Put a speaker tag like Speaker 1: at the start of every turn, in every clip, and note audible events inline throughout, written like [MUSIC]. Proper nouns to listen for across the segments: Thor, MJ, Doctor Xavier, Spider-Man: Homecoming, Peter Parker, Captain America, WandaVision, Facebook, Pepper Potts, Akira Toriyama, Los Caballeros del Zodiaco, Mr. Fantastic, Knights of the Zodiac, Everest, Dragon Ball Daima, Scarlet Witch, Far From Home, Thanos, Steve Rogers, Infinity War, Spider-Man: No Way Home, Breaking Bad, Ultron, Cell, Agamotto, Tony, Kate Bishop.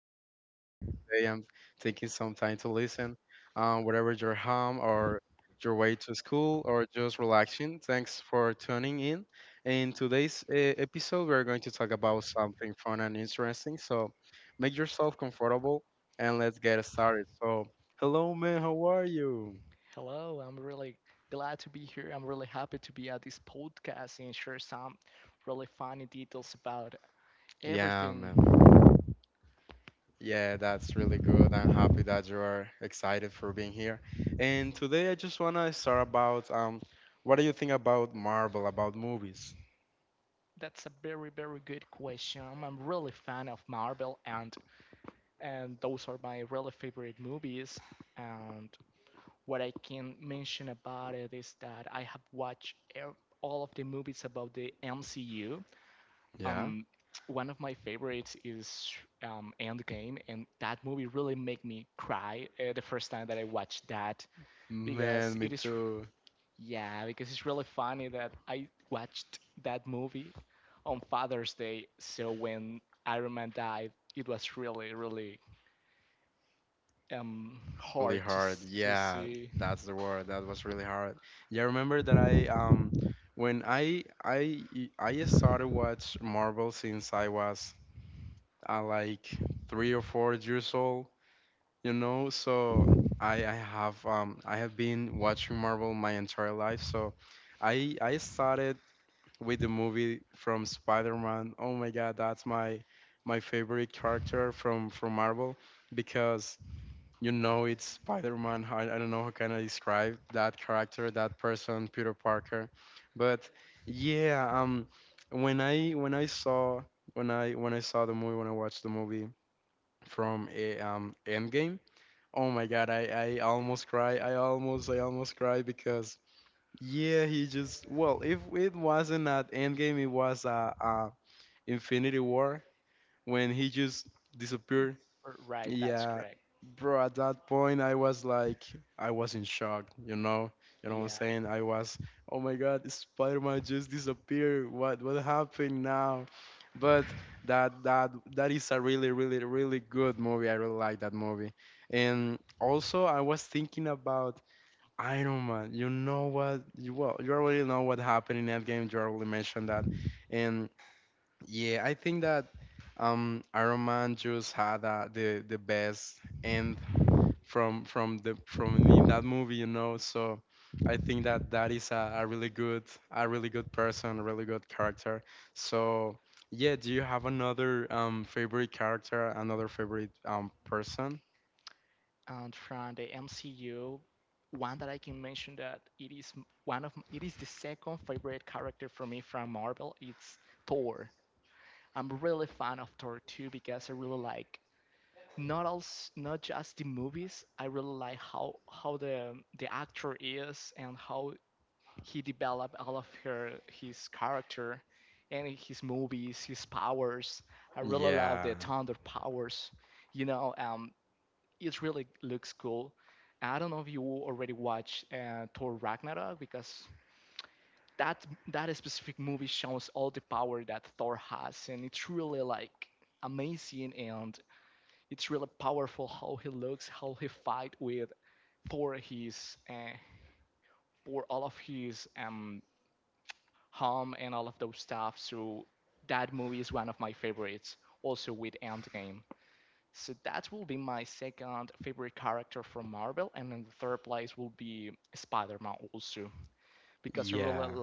Speaker 1: glad you're here today. I'm taking some time to listen, whatever your home or your way to school or just relaxing. Thanks for tuning in. In today's episode, we're going to talk about something fun and interesting. So make yourself comfortable and let's get started. So, hello man, how are you? Yeah, man. Yeah, that's really good. I'm happy that you are excited for being here. And today I just wanna start about what do you think about Marvel, about movies? Yeah? Man, me too. Really hard. Yeah, that's the word. That was really hard. Yeah, I remember that I when I started watch Marvel since I was like 3 or 4 years old. So I have been watching Marvel my entire life. So I started with the movie from Spider-Man. Oh my God, that's my favorite character from Marvel because you know it's Spider-Man. I don't know how can I describe that character, that person, Peter Parker. But yeah, when I when I saw when I watched the movie from a Endgame. Oh my god, I almost cry. I almost cry because yeah, he just well, if it wasn't at Endgame, it was Infinity War when he just disappeared, yeah, bro, at that point I was like I was in shock, you know? You know what I'm saying? I was, oh my God, Spider-Man just disappeared. What happened now? But that is a really, really, really good movie. I really like that movie. And also I was thinking about Iron Man. You know what? You well, you already know what happened in Endgame. You already mentioned that. And yeah, I think that Iron Man just had the best end from in that movie. So I think that that is a really good person, a really good character. So yeah, do you have another favorite character, another favorite person? Yeah. Yeah.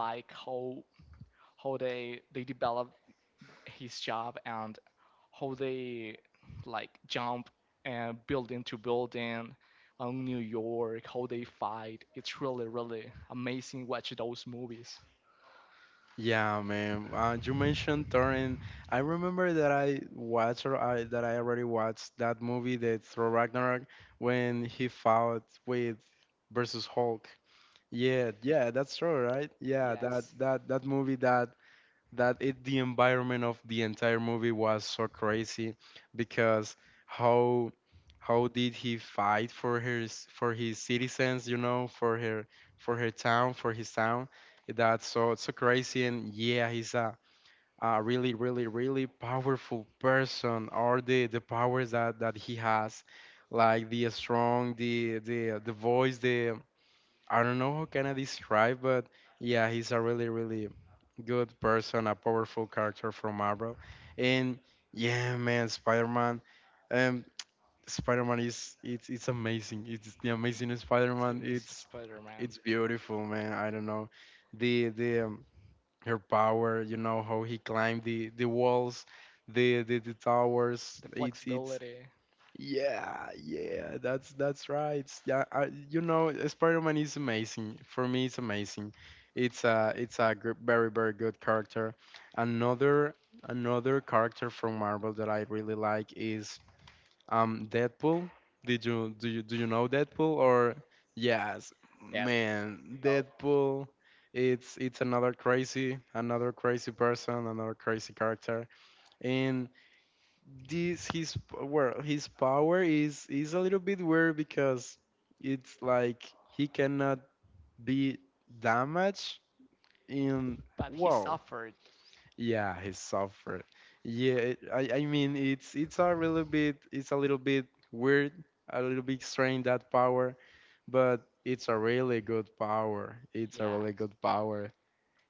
Speaker 1: Yeah, man. You mentioned Thor, and I remember that I already watched that movie, the Thor Ragnarok, when he fought with versus Hulk. Yeah, yeah, that's true, right? Yeah, that movie that that it the environment of the entire movie was so crazy because how how did he fight for his citizens, for his town, that's so crazy, and yeah he's a really really really powerful person, or the powers that he has, like the strong, the voice, the I don't know how can I describe, but yeah, he's a really, really good person, a powerful character from Marvel, and yeah, man, Spider-Man, um, Spider-Man is it's amazing. It's the amazing Spider-Man. It's beautiful, man. I don't know the her power. You know how he climbed the walls, the towers. It's Yeah, yeah, that's right. Yeah, I Spider-Man is amazing. For me, it's amazing. It's a very very good character. Another another character from Marvel that I really like is Deadpool. Did you do you do you know Deadpool, or yes,
Speaker 2: There
Speaker 1: man,
Speaker 2: we go.
Speaker 1: Deadpool. It's another crazy person, another crazy character. And this his well his power is a little bit weird because it's like he cannot be damaged, in
Speaker 2: But he
Speaker 1: well
Speaker 2: suffered.
Speaker 1: yeah, he suffered. Yeah, I mean it's a little bit weird, a little bit strange, that power, but it's a really good power, it's a really
Speaker 2: Yes.
Speaker 1: good power.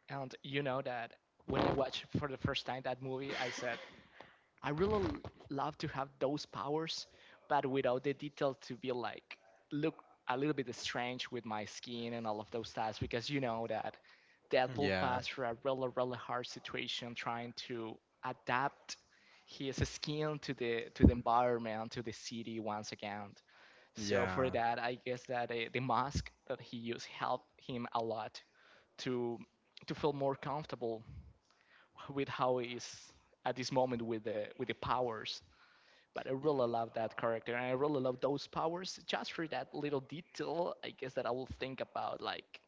Speaker 2: And you know that when I watched for the first time that movie, I said, I really love to have those powers, but without the detail to be like, look a little bit strange with my skin and all of those stuff, because you know that Deadpool
Speaker 1: Yeah,
Speaker 2: passed through a really, really hard situation trying to adapt his skin to the environment, to the city once again. So for
Speaker 1: yeah,
Speaker 2: that, I guess that the mask that he used helped him a lot to to feel more comfortable with how he is at this moment with the powers. But I really love that character, and I really love those powers. Just for that little detail, I guess that I will think about like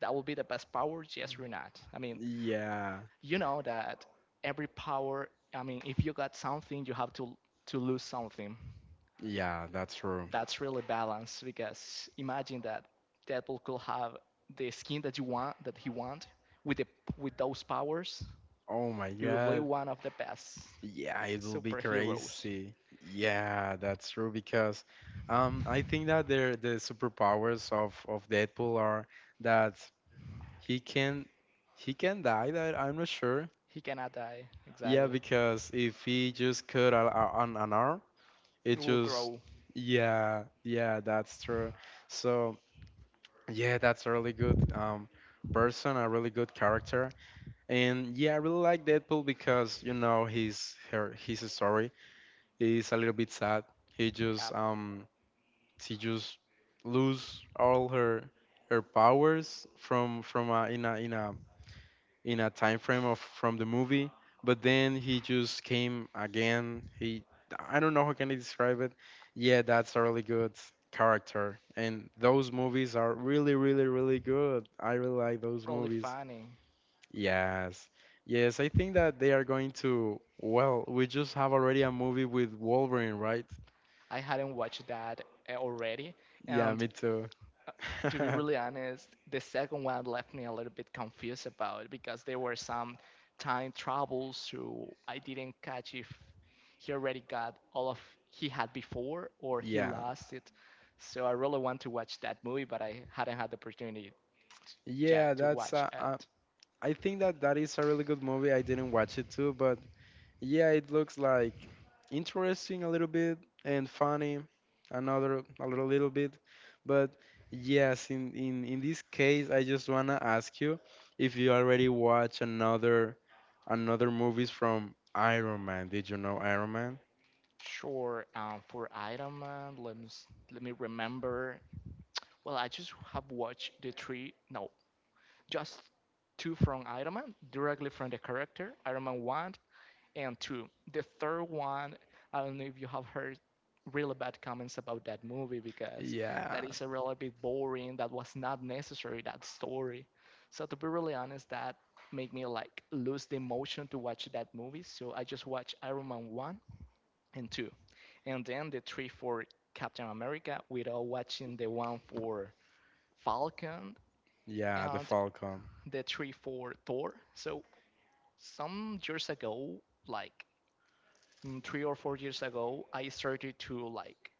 Speaker 2: that will be the best power, yes or not. I mean,
Speaker 1: yeah,
Speaker 2: you know that every power. I mean, if you got something, you have to lose something.
Speaker 1: yeah, that's true.
Speaker 2: That's really balanced because imagine that Deadpool could have the skin that you want that he want with the with those powers,
Speaker 1: Oh my
Speaker 2: he will be
Speaker 1: god.
Speaker 2: one of the best
Speaker 1: Yeah, it will be
Speaker 2: superheroes.
Speaker 1: crazy. Yeah, that's true because I think that the superpowers of Deadpool are that he can he can die. That I'm not sure.
Speaker 2: He cannot die,
Speaker 1: Yeah,
Speaker 2: exactly.
Speaker 1: because if he just cut an arm,
Speaker 2: It
Speaker 1: it
Speaker 2: will
Speaker 1: just
Speaker 2: grow.
Speaker 1: yeah, yeah, that's true. So yeah, that's a really good person, a really good character, and yeah, I really like Deadpool because his story is a little bit sad. He
Speaker 2: Yeah,
Speaker 1: just um she just lose all her powers from a, in a in a in a time frame of from the movie. But then he just came again. He I don't know how can I describe it. Yeah, that's a really good character, and those movies are really really really good. I really like those
Speaker 2: really
Speaker 1: movies.
Speaker 2: funny.
Speaker 1: Yes. Yes, I think that they are going to. Well, we just have already a movie with Wolverine, right?
Speaker 2: I hadn't watched that already,
Speaker 1: Yeah,
Speaker 2: and
Speaker 1: me too.
Speaker 2: to be
Speaker 1: [LAUGHS]
Speaker 2: really honest, the second one left me a little bit confused about it because there were some time travels, so I didn't catch if he already got all of he had before or he
Speaker 1: Yeah.
Speaker 2: lost it. So I really want to watch that movie, but I hadn't had the opportunity t-
Speaker 1: Yeah,
Speaker 2: yet to
Speaker 1: that's
Speaker 2: watch it.
Speaker 1: I think that that is a really good movie. I didn't watch it too, but yeah, it looks like interesting a little bit, and funny another a little bit. But yes, in this case, I just wanna ask you if you already watch another movies from Iron Man. Did you know Iron Man?
Speaker 2: Sure. For Iron Man, let me, let me remember. Well, I just have watched the three, no, just two from Iron Man, directly from the character, Iron Man 1 and two. The third one, I don't know if you have heard really bad comments about that movie because that
Speaker 1: Yeah.
Speaker 2: is a really bit boring. That was not necessary. That story. So to be really honest, that made me like lose the emotion to watch that movie. So I just watched Iron Man one and two, and then the three for Captain America without watching the one for Falcon
Speaker 1: Yeah, The
Speaker 2: and
Speaker 1: Falcon.
Speaker 2: the three for Thor. So some years ago, like three or four years ago, I started to like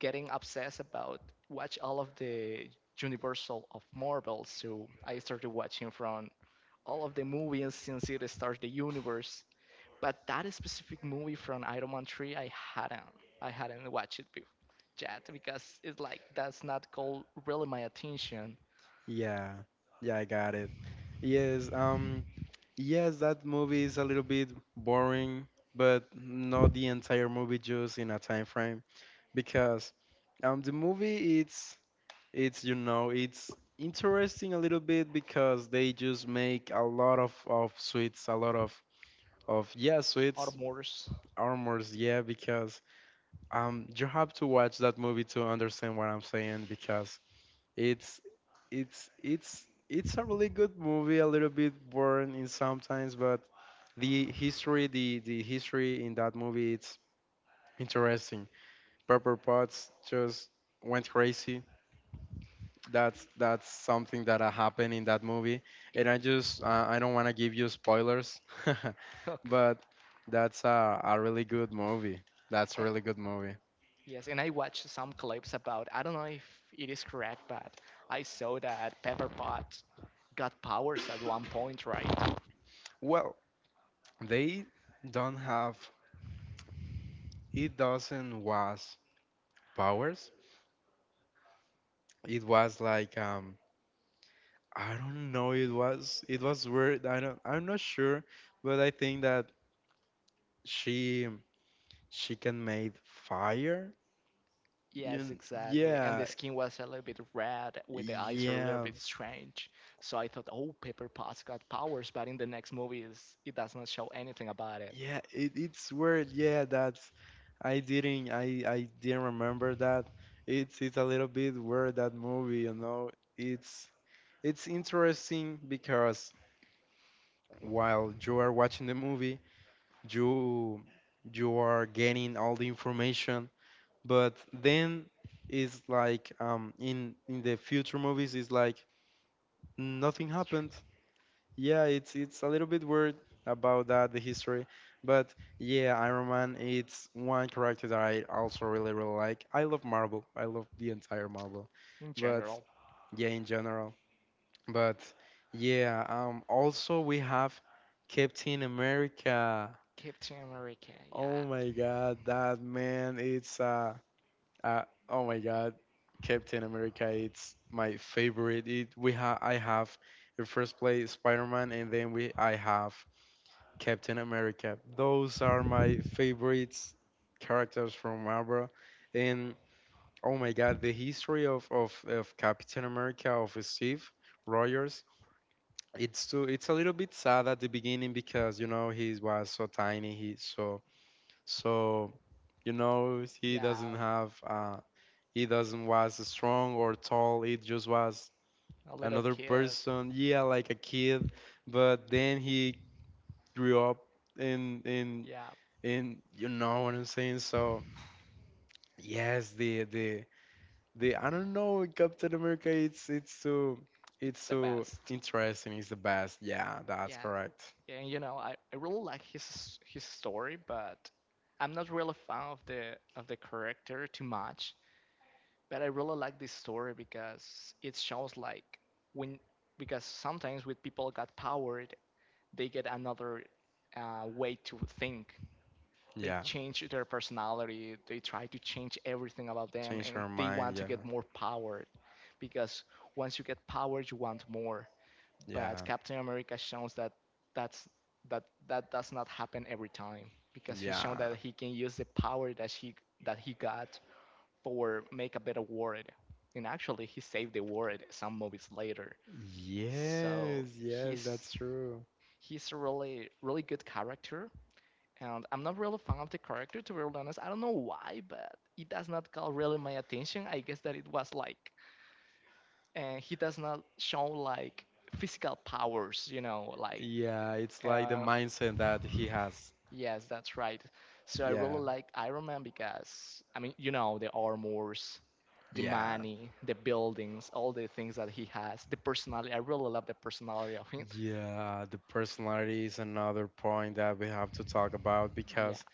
Speaker 2: getting obsessed about watch all of the Universal of Marvel. So I started watching from all of the movies since it started the universe. But that specific movie from Iron Man 3, I hadn't watched it before yet because it's like that's not called really my attention
Speaker 1: Yeah, yeah, I got it. Yes, yes, that movie is a little bit boring, but not the entire movie, just in a time frame, because the movie it's you know it's interesting a little bit, because they just make a lot of sweets, a lot of yeah
Speaker 2: or
Speaker 1: sweets
Speaker 2: mores.
Speaker 1: armors, yeah, because you have to watch that movie to understand what I'm saying, because it's it's a really good movie, a little bit boring in sometimes, but the history, the history in that movie, it's interesting. Pepper Potts just went crazy. That's something that happened in that movie, and I don't want to give you spoilers, [LAUGHS]
Speaker 2: [LAUGHS] Okay.
Speaker 1: but that's a really good movie. That's a
Speaker 2: Eh,
Speaker 1: really good movie.
Speaker 2: yes, and I watched some clips about. I don't know if it is correct, but I saw that Pepper Pot got powers at one point, right?
Speaker 1: Well, they don't have, it doesn't was powers, it was like I don't know, it was weird. I'm not sure, but I think that she she can make fire. you
Speaker 2: Yes,
Speaker 1: kn-
Speaker 2: exactly. And the
Speaker 1: yeah,
Speaker 2: skin was a little bit red, with the eyes are a little
Speaker 1: yeah,
Speaker 2: bit strange. So I thought, oh, Pepper Potts got powers, but in the next movies, it does not show anything about it.
Speaker 1: yeah, it's weird. Yeah, that's I didn't remember that. It's a little bit weird that movie, you know. It's it's interesting because while you are watching the movie, you you are getting all the information, but then it's like in the future movies it's like nothing happened. Yeah, it's a little bit weird about that, the history. But yeah, Iron Man, it's one character that I also really really like. I love Marvel. I love the entire Marvel,
Speaker 2: In
Speaker 1: but
Speaker 2: general,
Speaker 1: yeah, in general. But yeah, also we have Captain America.
Speaker 2: Captain America,
Speaker 1: Oh
Speaker 2: yeah,
Speaker 1: my god, that man, it's a Uh, oh my God, Captain America! It's my favorite. It, we ha I have in first place Spider-Man, and then we I have Captain America. Those are my favorites characters from Marvel. And oh my God, the history of Captain America, of Steve Rogers. It's too. It's a little bit sad at the beginning because he was so tiny. He so so, he doesn't
Speaker 2: yeah,
Speaker 1: have it doesn't was strong or tall. It just was
Speaker 2: a little
Speaker 1: another
Speaker 2: kid,
Speaker 1: person. Yeah, like a kid. But then he grew up in in
Speaker 2: yeah,
Speaker 1: in you know what I'm saying. So yes, the I don't know, Captain America. It's it's so it's
Speaker 2: it's the
Speaker 1: so
Speaker 2: best.
Speaker 1: interesting. It's the best. Yeah, that's
Speaker 2: Yeah,
Speaker 1: correct.
Speaker 2: and you know, I really like his story, but I'm not really a fan of the character too much. But I really like this story because it shows like when because sometimes when people got powered, they get another way to think. They
Speaker 1: Yeah,
Speaker 2: change their personality. They try to change everything about them,
Speaker 1: change
Speaker 2: and
Speaker 1: her
Speaker 2: they
Speaker 1: mind.
Speaker 2: want to
Speaker 1: Yeah,
Speaker 2: get more powered because once you get powered, you want more.
Speaker 1: yeah,
Speaker 2: But Captain America shows that that's that that does not happen every time because he's shown
Speaker 1: yeah.
Speaker 2: that he can use the power that he got for make a better world. And actually, he saved the world some movies later. So
Speaker 1: Yes, yes,
Speaker 2: he's
Speaker 1: that's true.
Speaker 2: he's a really really good character. And I'm not really fan of the character, to be real honest. I don't know why, but it does not call really my attention. I guess that it was like, and he does not show like physical powers, you know, like.
Speaker 1: Yeah, it's like the
Speaker 2: Uh,
Speaker 1: mindset that he has.
Speaker 2: yes, that's right. So I
Speaker 1: Yeah,
Speaker 2: really like Iron Man because I mean, you know, the armors, the
Speaker 1: yeah,
Speaker 2: money, the buildings, all the things that he has, the personality. I really love the personality of him.
Speaker 1: yeah. The personality is another point that we have to talk about,
Speaker 2: Yeah,
Speaker 1: because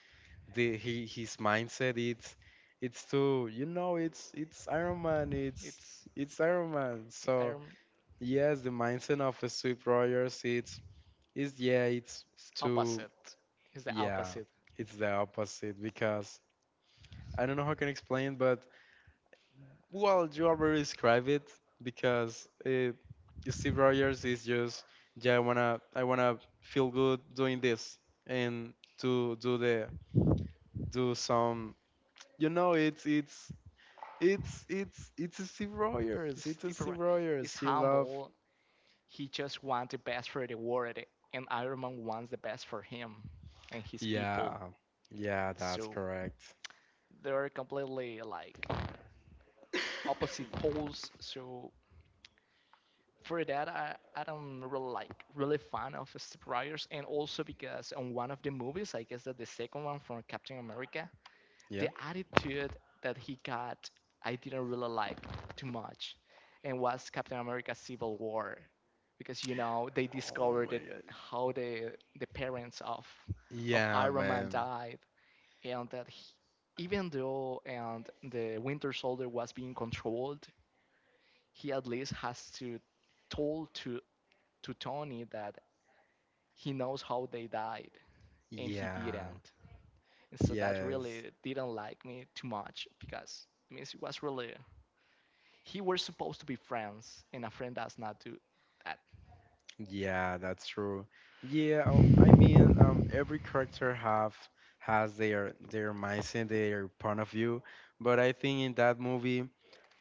Speaker 1: the he his mindset, it's to, it's Iron Man, it's
Speaker 2: it's
Speaker 1: it's Iron Man.
Speaker 2: I
Speaker 1: So yes, the mindset of a Sweep Rogers, it's is, yeah, it's
Speaker 2: it's
Speaker 1: to,
Speaker 2: opposite. It's the
Speaker 1: yeah,
Speaker 2: opposite.
Speaker 1: it's the opposite, because I don't know how I can explain, but. Well, you already described it because Steve Rogers is just, yeah. I wanna feel good doing this and to do some. You know, it's a Steve
Speaker 2: It's
Speaker 1: Rogers. It's a
Speaker 2: Steve
Speaker 1: Steve
Speaker 2: he's
Speaker 1: Rogers. He love.
Speaker 2: humble. He just wants the best for the world, and Iron Man wants the best for him and his people.
Speaker 1: Yeah, yeah, that's
Speaker 2: So
Speaker 1: correct.
Speaker 2: they're completely like
Speaker 1: [COUGHS]
Speaker 2: opposite poles. So for that I don't really like really fan of strippers and also because on one of the movies I guess that the second one from Captain America
Speaker 1: Yeah.
Speaker 2: the attitude that he got I didn't really like too much and was Captain America Civil War because you know they
Speaker 1: Oh
Speaker 2: discovered
Speaker 1: my
Speaker 2: it,
Speaker 1: god.
Speaker 2: how the parents of
Speaker 1: Yeah,
Speaker 2: Iron Man
Speaker 1: man.
Speaker 2: died and that he, even though and the Winter Soldier was being controlled he at least has to told to Tony that he knows how they died and he
Speaker 1: Yeah.
Speaker 2: didn't. And so that
Speaker 1: Yes.
Speaker 2: really didn't like me too much because I mean it was really he were supposed to be friends and a friend does not do that.
Speaker 1: Yeah, that's true. Yeah, oh, I mean, every character have has their mindset, their point of view, but I think in that movie,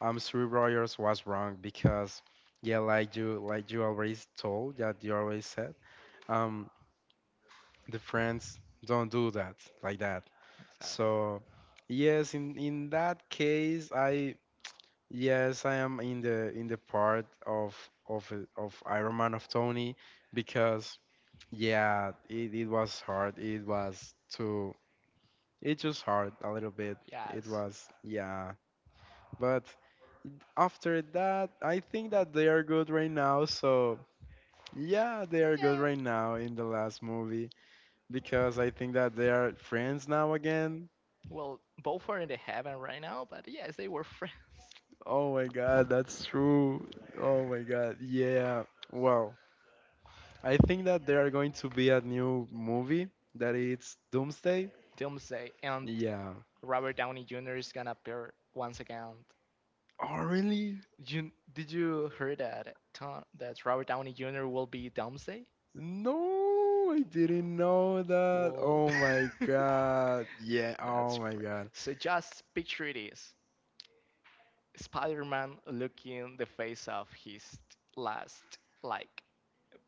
Speaker 1: Three Royals was wrong, because, yeah, like you always told that you always said, um, the friends don't do that like that.
Speaker 2: Exactly.
Speaker 1: So, yes, in that case, I yes, I am in the part of Iron Man, of Tony, because. Yeah, it was hard. It was too, it just hard a little bit. It
Speaker 2: Yes.
Speaker 1: was, yeah. But after that, I think that they are good right now. So, yeah, they are good
Speaker 2: Yeah.
Speaker 1: right now in the last movie because I think that they are friends now again.
Speaker 2: Well, both are in the heaven right now, but yes, they were friends.
Speaker 1: Oh my god, that's true. Oh my god, yeah. Wow. I think that there are going to be a new movie that it's Doomsday.
Speaker 2: [LAUGHS] Doomsday and
Speaker 1: Yeah.
Speaker 2: Robert Downey Jr. is gonna appear once again.
Speaker 1: Oh, really?
Speaker 2: You, did you hear that Tom, that Robert Downey Jr. will be Doomsday?
Speaker 1: No, I didn't know that.
Speaker 2: Well,
Speaker 1: Oh my
Speaker 2: [LAUGHS]
Speaker 1: god. Yeah,
Speaker 2: that's
Speaker 1: oh my
Speaker 2: great.
Speaker 1: god.
Speaker 2: So just picture this. Spider-Man looking the face of his last like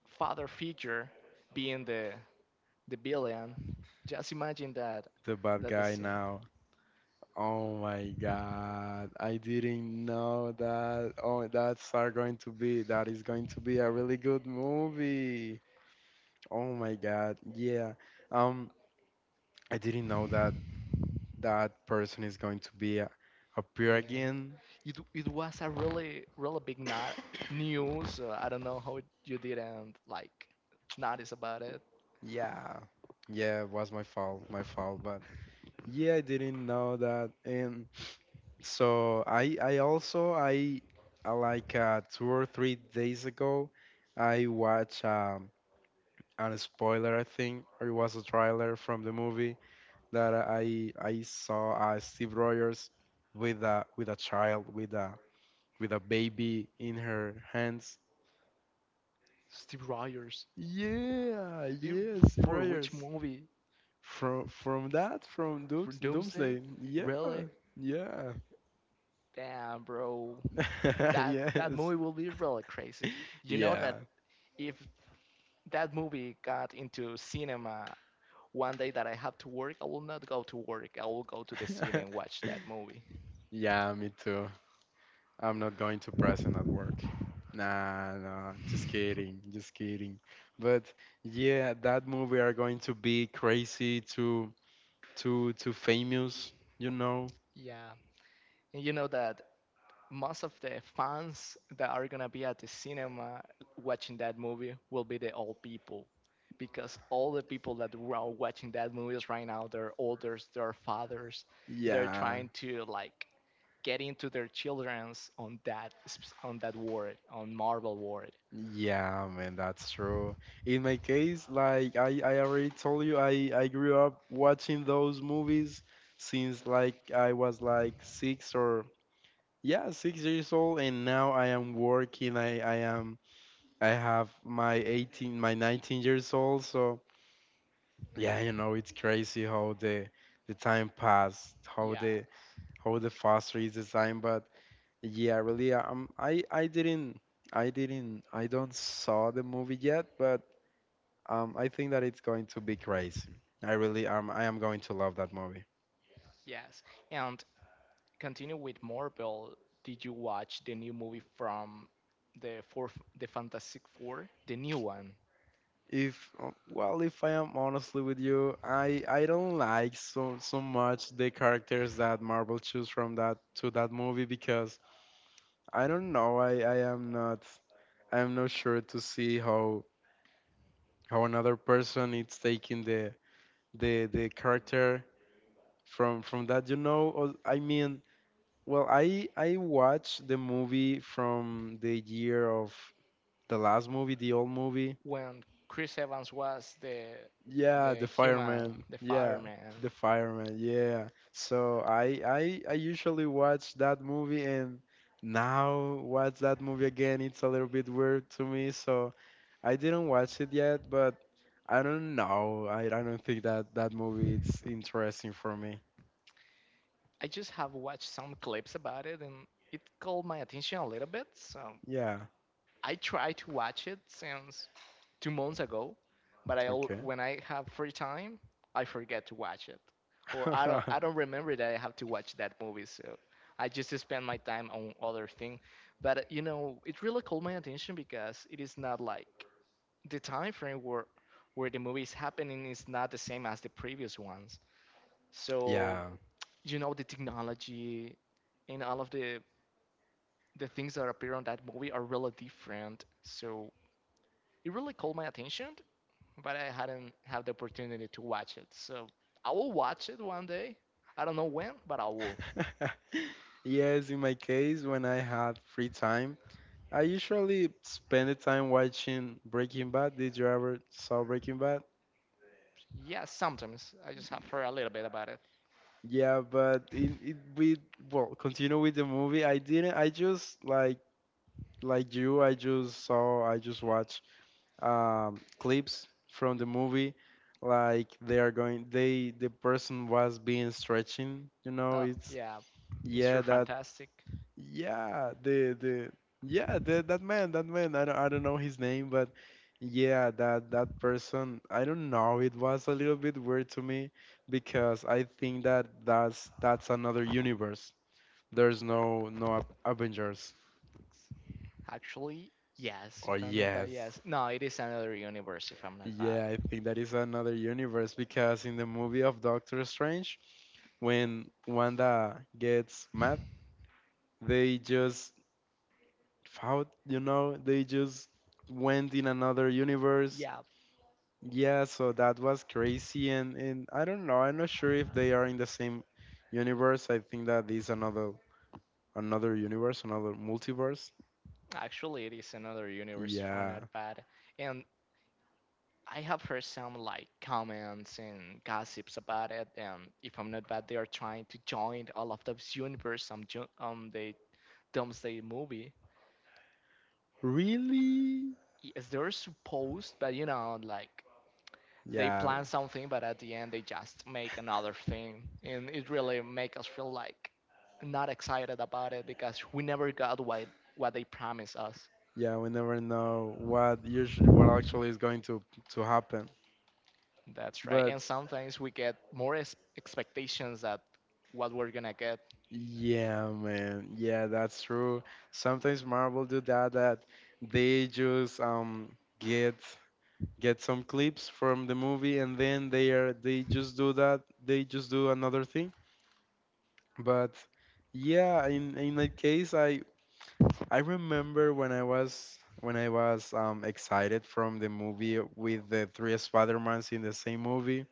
Speaker 2: father figure being the villain. Just imagine that
Speaker 1: The bad
Speaker 2: that the
Speaker 1: guy
Speaker 2: scene.
Speaker 1: now. Oh my god. I didn't know that. Oh, that is going to be a really good movie. Oh my god. Yeah. Um I didn't know that that person is going to be appear
Speaker 2: Yes.
Speaker 1: again.
Speaker 2: It was a really really big not news. I don't know how you didn't like notice about it.
Speaker 1: Yeah. Yeah, it was my fault, but yeah, I didn't know that. And So I also I like 2 or 3 days ago, I watched a spoiler, I think, or it was a trailer from the movie that I saw Steve Rogers with a child with a baby in her hands.
Speaker 2: Steve Rogers.
Speaker 1: Yeah,
Speaker 2: You,
Speaker 1: yeah, Steve
Speaker 2: for which
Speaker 1: Rogers.
Speaker 2: movie?
Speaker 1: From
Speaker 2: For
Speaker 1: Dooms
Speaker 2: Doomsday?
Speaker 1: Doomsday. Yeah,
Speaker 2: Really?
Speaker 1: yeah,
Speaker 2: Damn, bro. That that
Speaker 1: [LAUGHS] yes,
Speaker 2: movie will be really crazy. You know
Speaker 1: yeah.
Speaker 2: that if that movie got into cinema one day that I have to work, I will not go to work. I will go to the cinema and watch that
Speaker 1: [LAUGHS]
Speaker 2: movie.
Speaker 1: Yeah, me too. I'm not going to present at work. Nah, nah, just kidding, just kidding. But yeah, that movie are going to be crazy, too, too, too famous, you know?
Speaker 2: Yeah. And you know that most of the fans that are gonna be at the cinema watching that movie will be the old people. Because all the people that are watching that movies right now, they're elders, they're fathers, they're
Speaker 1: Yeah,
Speaker 2: trying to like getting to their children's on that on that word on Marvel word.
Speaker 1: yeah, man, that's true. In my case, like I already told you, I grew up watching those movies since like I was like 6 or, yeah, 6 years old, and now I am working. I have my 18, my 19 years old. So yeah, you know, it's crazy how the time passed, how the
Speaker 2: Yes,
Speaker 1: how the faster is the time. But yeah, really, I don't saw the movie yet, but I think that it's going to be crazy. I am going to love that movie.
Speaker 2: yes. And continue with Marvel. Did you watch the new movie from the fourth, the Fantastic Four, the new one
Speaker 1: If well, if I am honestly with you, I don't like so much the characters that Marvel choose from that to that movie because I don't know. I am not sure to see how another person is taking the character from that. You know, I mean, well, I watched the movie from the year of the last movie, the old movie.
Speaker 2: when Chris Evans was
Speaker 1: Yeah,
Speaker 2: the
Speaker 1: the
Speaker 2: human,
Speaker 1: fireman.
Speaker 2: the
Speaker 1: Yeah, the
Speaker 2: fireman?
Speaker 1: fireman. Yeah. So I usually watch that movie and now watch that movie again. It's a little bit weird to me, so I didn't watch it yet, but I don't know. I don't think that that movie it's interesting for me.
Speaker 2: I just have watched some clips about it and it called my attention a little bit. So
Speaker 1: Yeah.
Speaker 2: I tried to watch it since 2 months ago, but I
Speaker 1: Okay.
Speaker 2: when I have free time, I forget to watch it, or I
Speaker 1: [LAUGHS]
Speaker 2: don't remember that I have to watch that movie. So I just spend my time on other thing. But you know, it really caught my attention because it is not like the time frame where the movie is happening is not the same as the previous ones. So
Speaker 1: Yeah.
Speaker 2: you know, the technology and all of the things that appear on that movie are really different. So it really caught my attention but I hadn't had the opportunity to watch it. So I will watch it one day. I don't know when, but I will.
Speaker 1: [LAUGHS] Yes, in my case, when I had free time, I usually spend the time watching Breaking Bad. Did you ever saw Breaking Bad?
Speaker 2: Yeah, sometimes I just have heard a little bit about it.
Speaker 1: Yeah, but it we well, continue with the movie. I didn't. I just like you. I just saw. I just watched clips from the movie. Like they are going. The person was being stretching. You know,
Speaker 2: Oh,
Speaker 1: it's,
Speaker 2: yeah,
Speaker 1: yeah,
Speaker 2: Mr.
Speaker 1: that.
Speaker 2: Fantastic.
Speaker 1: Yeah, that man, that man. I don't know his name, but yeah, that person. I don't know. It was a little bit weird to me because I think that that's another universe. There's no Avengers.
Speaker 2: Actually, yes,
Speaker 1: Oh
Speaker 2: if I'm not bad,
Speaker 1: yes.
Speaker 2: yes. No, it is another universe, if I'm not bad.
Speaker 1: Yeah, I think that is another universe because in the movie of Doctor Strange, when Wanda gets mad, they just fought, you know, they just went in another universe.
Speaker 2: Yeah,
Speaker 1: Yeah, so that was crazy, and I don't know. I'm not sure if they are in the same universe. I think that is another universe, another multiverse.
Speaker 2: actually, it is another universe, if I'm not
Speaker 1: Yeah.
Speaker 2: bad. And I have heard some like comments and gossips about it, and if I'm not bad, they are trying to join all of those universe. They Doomsday movie.
Speaker 1: Really?
Speaker 2: Yes, they're supposed, but you know, like they
Speaker 1: Yeah.
Speaker 2: plan something, but at the end they just make another thing, and it really make us feel like not excited about it because we never got what they promised us.
Speaker 1: Yeah, we never know what actually is going to happen.
Speaker 2: That's right.
Speaker 1: But
Speaker 2: And sometimes we get more expectations that what we're gonna get.
Speaker 1: yeah, man. Yeah, that's true. Sometimes Marvel do that they just get get some clips from the movie, and then they just do that, they just do another thing. But yeah, in that case, I remember when I was excited from the movie with the three spider-mans in the same movie.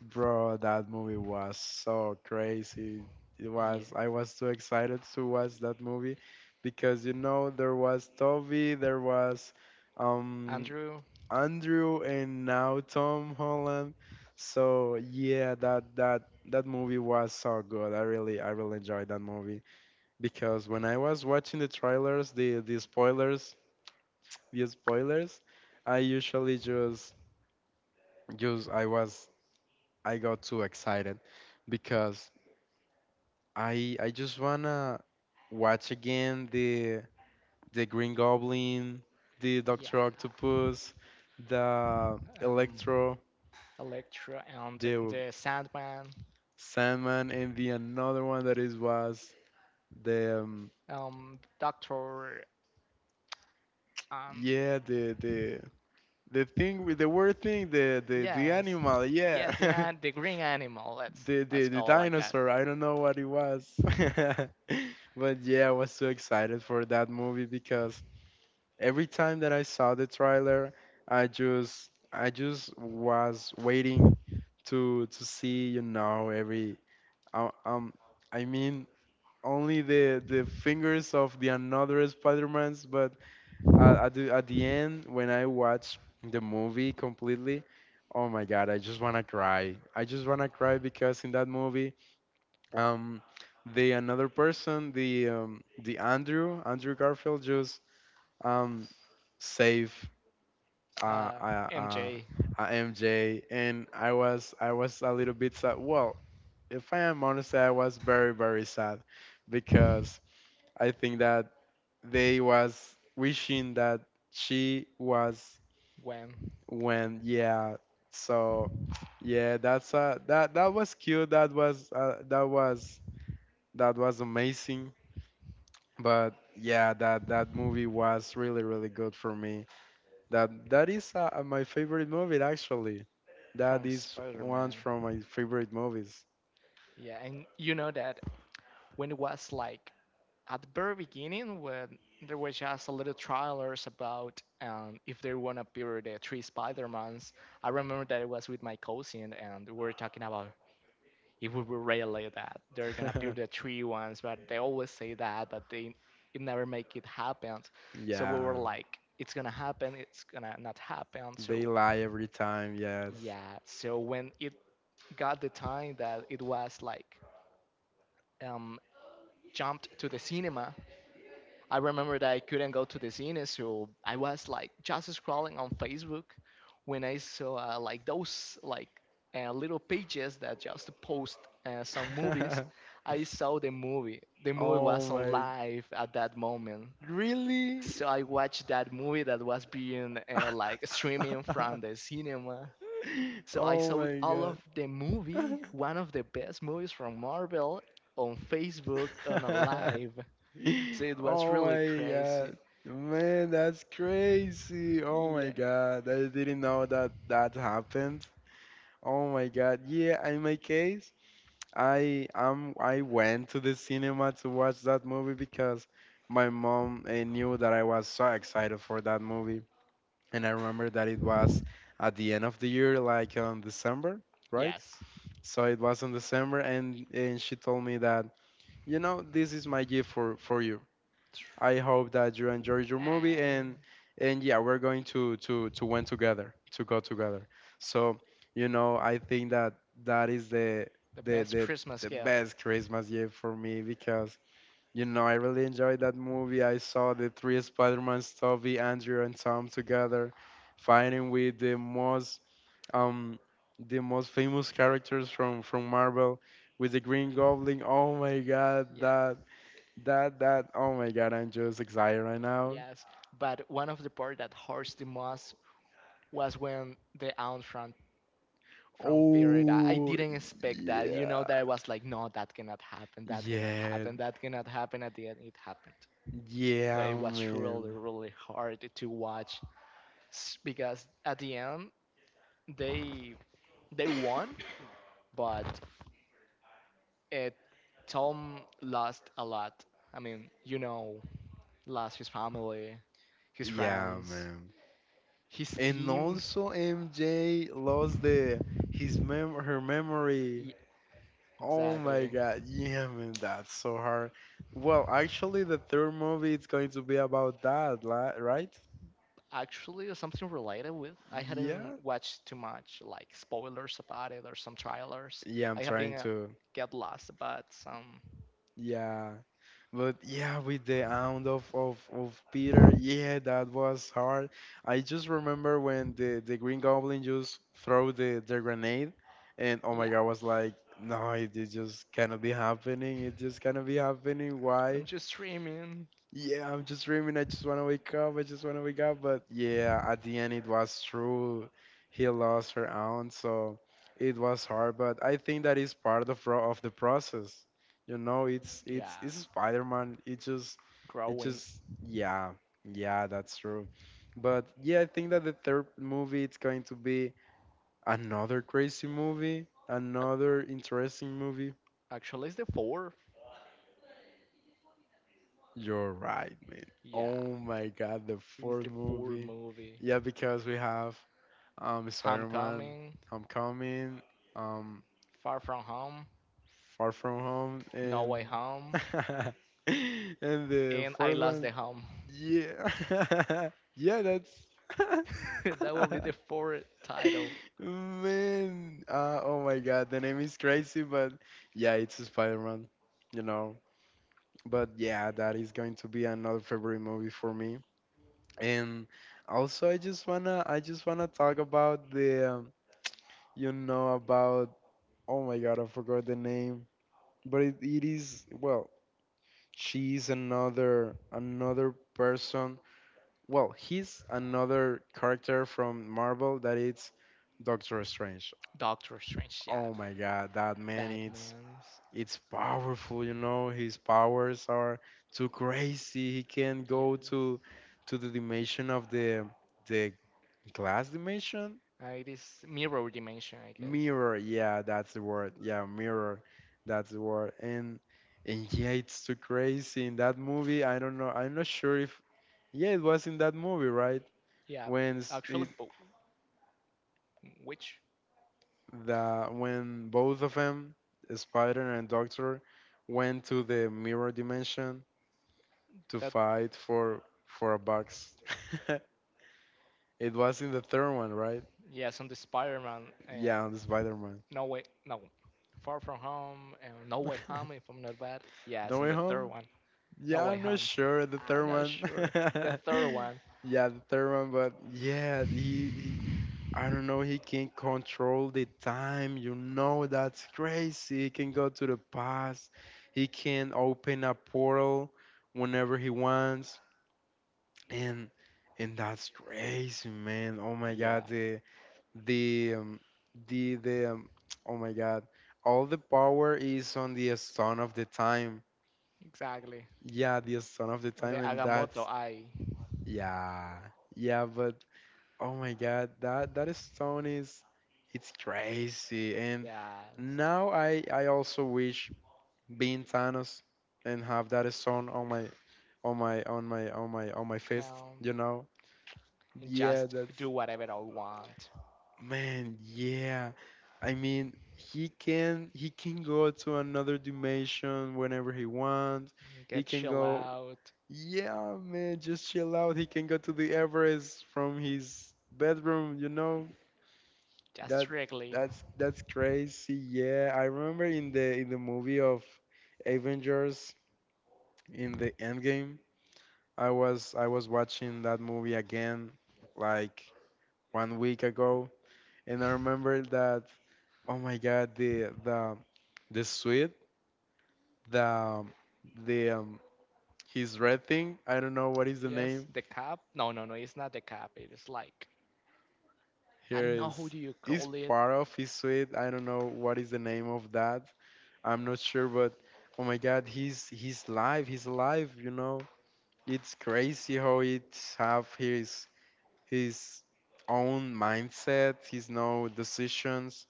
Speaker 1: Bro, that movie was so crazy. It
Speaker 2: Yeah,
Speaker 1: was, I was too excited to watch that movie because, you know, there was Toby, there was um
Speaker 2: Andrew.
Speaker 1: Andrew, and now Tom Holland. So yeah, that movie was so good. I really enjoyed that movie because when I was watching the trailers, the spoilers, I usually just I got too excited because I just wanna watch again the Green Goblin, the Doctor
Speaker 2: Yeah.
Speaker 1: Octopus, the
Speaker 2: Um,
Speaker 1: Electro,
Speaker 2: Electra and
Speaker 1: the
Speaker 2: the Sandman.
Speaker 1: Sandman, and the another one that is was the
Speaker 2: Doctor. Um,
Speaker 1: yeah the the the thing with the word thing, the
Speaker 2: Yes,
Speaker 1: animal, yeah,
Speaker 2: yes, the
Speaker 1: [LAUGHS]
Speaker 2: the green animal. Let's
Speaker 1: the,
Speaker 2: let's
Speaker 1: the the
Speaker 2: call it like that.
Speaker 1: dinosaur. I don't know what it was. [LAUGHS] But yeah, I was so excited for that movie because every time that I saw the trailer, I just was waiting to see, you know, every uh, um I mean only the fingers of the another Spider-Mans. But at the end, when I watched the movie completely, oh my God, I just wanna cry. I just wanna cry because in that movie, um, the another person, the Andrew Garfield just um save, uh,
Speaker 2: Uh,
Speaker 1: uh, uh,
Speaker 2: MJ
Speaker 1: MJ, and I was a little bit sad. Well, if I am honest, I was very very sad. Because I think that they was wishing that she was,
Speaker 2: Gwen
Speaker 1: when, yeah, so, yeah, that was cute. That was that was amazing. But yeah, that movie was really really good for me. That is my favorite movie. Actually, that
Speaker 2: from
Speaker 1: is one
Speaker 2: Spider-Man.
Speaker 1: from my favorite movies.
Speaker 2: Yeah, and you know that when it was like at the very beginning when there were just a little trailers about if they wanna appear the three Spider-Mans. I remember that it was with my cousin and we were talking about it would be really that they're gonna appear the
Speaker 1: [LAUGHS]
Speaker 2: three ones, but they always say that, but they it never make it happen. So we were
Speaker 1: Yeah,
Speaker 2: like, it's gonna happen, it's gonna not happen.
Speaker 1: they
Speaker 2: So
Speaker 1: lie every time. Yes.
Speaker 2: yeah, so when it got the time that it was like um, jumped to the cinema, I remember that I couldn't go to the scene, so I was like just scrolling on Facebook when I saw like those like little pages that just post some movies.
Speaker 1: [LAUGHS]
Speaker 2: I saw the movie. The movie
Speaker 1: Oh
Speaker 2: was on
Speaker 1: my,
Speaker 2: live at that moment.
Speaker 1: really?
Speaker 2: So I watched that movie that was being like streaming from the
Speaker 1: [LAUGHS]
Speaker 2: cinema. So I
Speaker 1: Oh
Speaker 2: saw
Speaker 1: my
Speaker 2: all of the
Speaker 1: god.
Speaker 2: movie, one of the best movies from Marvel, on Facebook on a
Speaker 1: [LAUGHS]
Speaker 2: live. So it was
Speaker 1: Oh
Speaker 2: really
Speaker 1: my god.
Speaker 2: crazy.
Speaker 1: Man, that's crazy. Oh my
Speaker 2: Yeah.
Speaker 1: god. I didn't know that that happened. Oh my god. Yeah, in my case, I went to the cinema to watch that movie because my mom knew that I was so excited for that movie. And I remember that it was at the end of the year, like on December, right?
Speaker 2: Yes.
Speaker 1: So it was in December, and, she told me that, you know, this is my gift for, you.
Speaker 2: Tr-
Speaker 1: I hope that you enjoyed your movie,
Speaker 2: And
Speaker 1: and yeah, we're going to went together, to go together. So, you know, I think that is
Speaker 2: the
Speaker 1: the
Speaker 2: best
Speaker 1: the
Speaker 2: Christmas
Speaker 1: the
Speaker 2: gift.
Speaker 1: best Christmas gift for me because, you know, I really enjoyed that movie. I saw the three Spider-Mans, Toby, Andrew, and Tom together, fighting with um the most famous characters from Marvel with the Green Goblin. Oh my god,
Speaker 2: Yeah.
Speaker 1: that that that oh my god, I'm just excited right now.
Speaker 2: Yes. But one of the part that hurts the most was when the aunt from Florida. I
Speaker 1: Oh
Speaker 2: didn't expect that. You know, that I
Speaker 1: yeah.
Speaker 2: was like, no, that cannot happen. That cannot
Speaker 1: Yeah.
Speaker 2: happen. That cannot happen. At the end, it happened. So
Speaker 1: Yeah,
Speaker 2: it was really,
Speaker 1: man.
Speaker 2: really hard to watch because at the end they they won, but it, Tom lost a lot. I mean, he lost his family, his
Speaker 1: Yeah,
Speaker 2: friends,
Speaker 1: man.
Speaker 2: his
Speaker 1: And
Speaker 2: team.
Speaker 1: also MJ lost the his mem her memory.
Speaker 2: Yeah,
Speaker 1: Oh my
Speaker 2: exactly.
Speaker 1: god. Yeah, man, that's so hard. Well, actually, the third movie is going to be about that, right?
Speaker 2: Actually, something related with I hadn't
Speaker 1: Yeah,
Speaker 2: watched too much like spoilers about it or some trailers.
Speaker 1: yeah, I'm
Speaker 2: I have been
Speaker 1: trying to.
Speaker 2: get lost about some.
Speaker 1: Yeah, but yeah, with the aunt of Peter, yeah, that was hard. I just remember when the Green Goblin just throw the grenade, and oh my
Speaker 2: Yeah,
Speaker 1: God, I was like, no, it just cannot be happening. It just cannot be happening. Why?
Speaker 2: I'm just streaming.
Speaker 1: Yeah, I'm just dreaming. I just want to wake up. I just want to wake up. But yeah, at the end, it was true. He lost her aunt, so it was hard. But I think that is part of of the process. You know, it's
Speaker 2: Yeah,
Speaker 1: it's it's Spider-Man. It just it
Speaker 2: growing.
Speaker 1: just yeah yeah, that's true. But yeah, I think that the third movie it's going to be another crazy movie,
Speaker 2: Ac-
Speaker 1: another interesting movie.
Speaker 2: Actually, it's the four.
Speaker 1: You're right, man.
Speaker 2: Yeah,
Speaker 1: Oh my God, the
Speaker 2: it is
Speaker 1: fourth
Speaker 2: the four
Speaker 1: movie.
Speaker 2: movie.
Speaker 1: Yeah, because we have Spider-Man,
Speaker 2: Homecoming,
Speaker 1: Homecoming, um
Speaker 2: Far From Home,
Speaker 1: Far From Home,
Speaker 2: No Way
Speaker 1: and
Speaker 2: Home,
Speaker 1: [LAUGHS] and the
Speaker 2: and I
Speaker 1: fourth
Speaker 2: Lost
Speaker 1: one.
Speaker 2: the Home.
Speaker 1: Yeah, [LAUGHS] yeah, that's
Speaker 2: [LAUGHS] That will be the four title.
Speaker 1: [LAUGHS] man. Oh my God, the name is crazy, but yeah, it's Spider-Man. You know, but yeah, that is going to be another favorite movie for me. And also, I just wanna talk about the you know about oh my God, I forgot the name, but it is, well, she's another person, well, he's another character from Marvel that it's Doctor Strange.
Speaker 2: Doctor Strange, yeah.
Speaker 1: Oh my God, that man, it's
Speaker 2: Batman is
Speaker 1: it's powerful, you know. His powers are too crazy. He can go
Speaker 2: yes.
Speaker 1: to the dimension of the glass dimension,
Speaker 2: It is mirror dimension, I guess.
Speaker 1: mirror. Yeah, that's the word. Yeah, mirror, that's the word. And yeah, it's too crazy in that movie. I don't know, I'm not sure if, yeah, it was in that movie, right,
Speaker 2: Yeah,
Speaker 1: when s- it,
Speaker 2: actually, which
Speaker 1: the when both of them, Spider and Doctor, went to the mirror dimension to
Speaker 2: that
Speaker 1: fight for a box. [LAUGHS] It was in the third one, right?
Speaker 2: yes, on the Spider-Man
Speaker 1: Yeah,
Speaker 2: um,
Speaker 1: on the Spider-Man
Speaker 2: No Way, no, Far From Home and No Way Home, if
Speaker 1: [LAUGHS]
Speaker 2: I'm not bad.
Speaker 1: No
Speaker 2: Yes, and
Speaker 1: Way
Speaker 2: the third
Speaker 1: Home.
Speaker 2: one, No
Speaker 1: Yeah,
Speaker 2: Way
Speaker 1: I'm not
Speaker 2: Home.
Speaker 1: sure, the
Speaker 2: I'm
Speaker 1: third
Speaker 2: not
Speaker 1: one.
Speaker 2: sure. The
Speaker 1: [LAUGHS]
Speaker 2: third one,
Speaker 1: Yeah, the third one. But yeah, he, I don't know, he can control the time. You know, that's crazy. He can go to the past. He can open a portal whenever he wants, and and that's crazy, man. Oh my
Speaker 2: yeah,
Speaker 1: God, the um, the [TSK] oh my God, all the power is on the stone of the time.
Speaker 2: exactly.
Speaker 1: Yeah, the stone of the
Speaker 2: On the
Speaker 1: time, and
Speaker 2: Agamotto
Speaker 1: that's,
Speaker 2: Eye,
Speaker 1: yeah, yeah, but oh my God, that stone is, it's crazy. And
Speaker 2: yes,
Speaker 1: now I also wish being Thanos and have that stone on my on my on my on my on my fist,
Speaker 2: him,
Speaker 1: you know?
Speaker 2: and
Speaker 1: Yeah,
Speaker 2: just
Speaker 1: that's,
Speaker 2: do whatever I want,
Speaker 1: man, yeah. I mean, he can go to another dimension whenever he wants. He
Speaker 2: get
Speaker 1: can
Speaker 2: chill
Speaker 1: go,
Speaker 2: out,
Speaker 1: yeah, man, just chill out. He can go to the Everest from his bedroom, you know?
Speaker 2: just
Speaker 1: That
Speaker 2: strictly.
Speaker 1: that's crazy. Yeah, I remember in the movie of Avengers, in the Endgame, I was watching that movie again like one week ago, and I remember that, oh my God, the suit, the the his red thing, I don't know what is the
Speaker 2: Yes,
Speaker 1: name.
Speaker 2: the cap. No, no, no, it's not the cap. It is like, I
Speaker 1: Here
Speaker 2: don't know [LAUGHS] who
Speaker 1: is
Speaker 2: do you
Speaker 1: is
Speaker 2: call it.
Speaker 1: part of his suite. I don't know what is the name of that. I'm not sure, but oh my God, he's live. He's alive. You know, it's crazy how it have his his own mindset. His, no, decisions.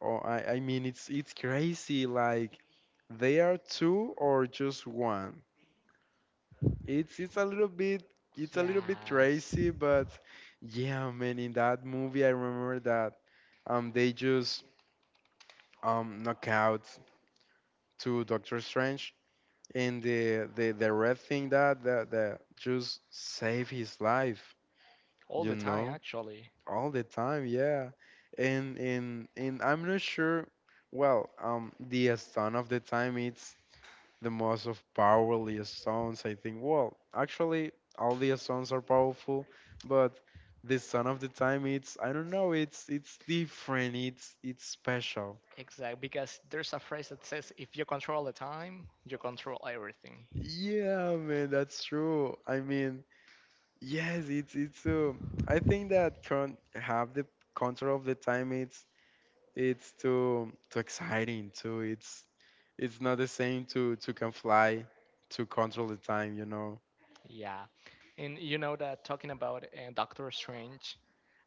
Speaker 1: Or I mean, it's crazy. Like, they are two or just one. It's a little bit it's a little bit
Speaker 2: Yes.
Speaker 1: crazy, but yeah, man. In that movie, I remember that they just knockouts to Doctor Strange, and the red thing that that just saved his life,
Speaker 2: All
Speaker 1: you
Speaker 2: the time,
Speaker 1: know,
Speaker 2: actually.
Speaker 1: all the time, yeah. And I'm not sure. Well, the stone of the time, it's the most of powerly stones, I think. Well, actually, all the stones are powerful, but the stone of the time, it's, I don't know, it's different. It's special.
Speaker 2: Exactly, because there's a phrase that says, if you control the time, you control everything.
Speaker 1: Yeah, man, that's true. I mean, yes, it's I think that current have the control of the time, it's too exciting too. It's not the same to can fly, to control the time, you know.
Speaker 2: Yeah. And you know that talking about Doctor Strange,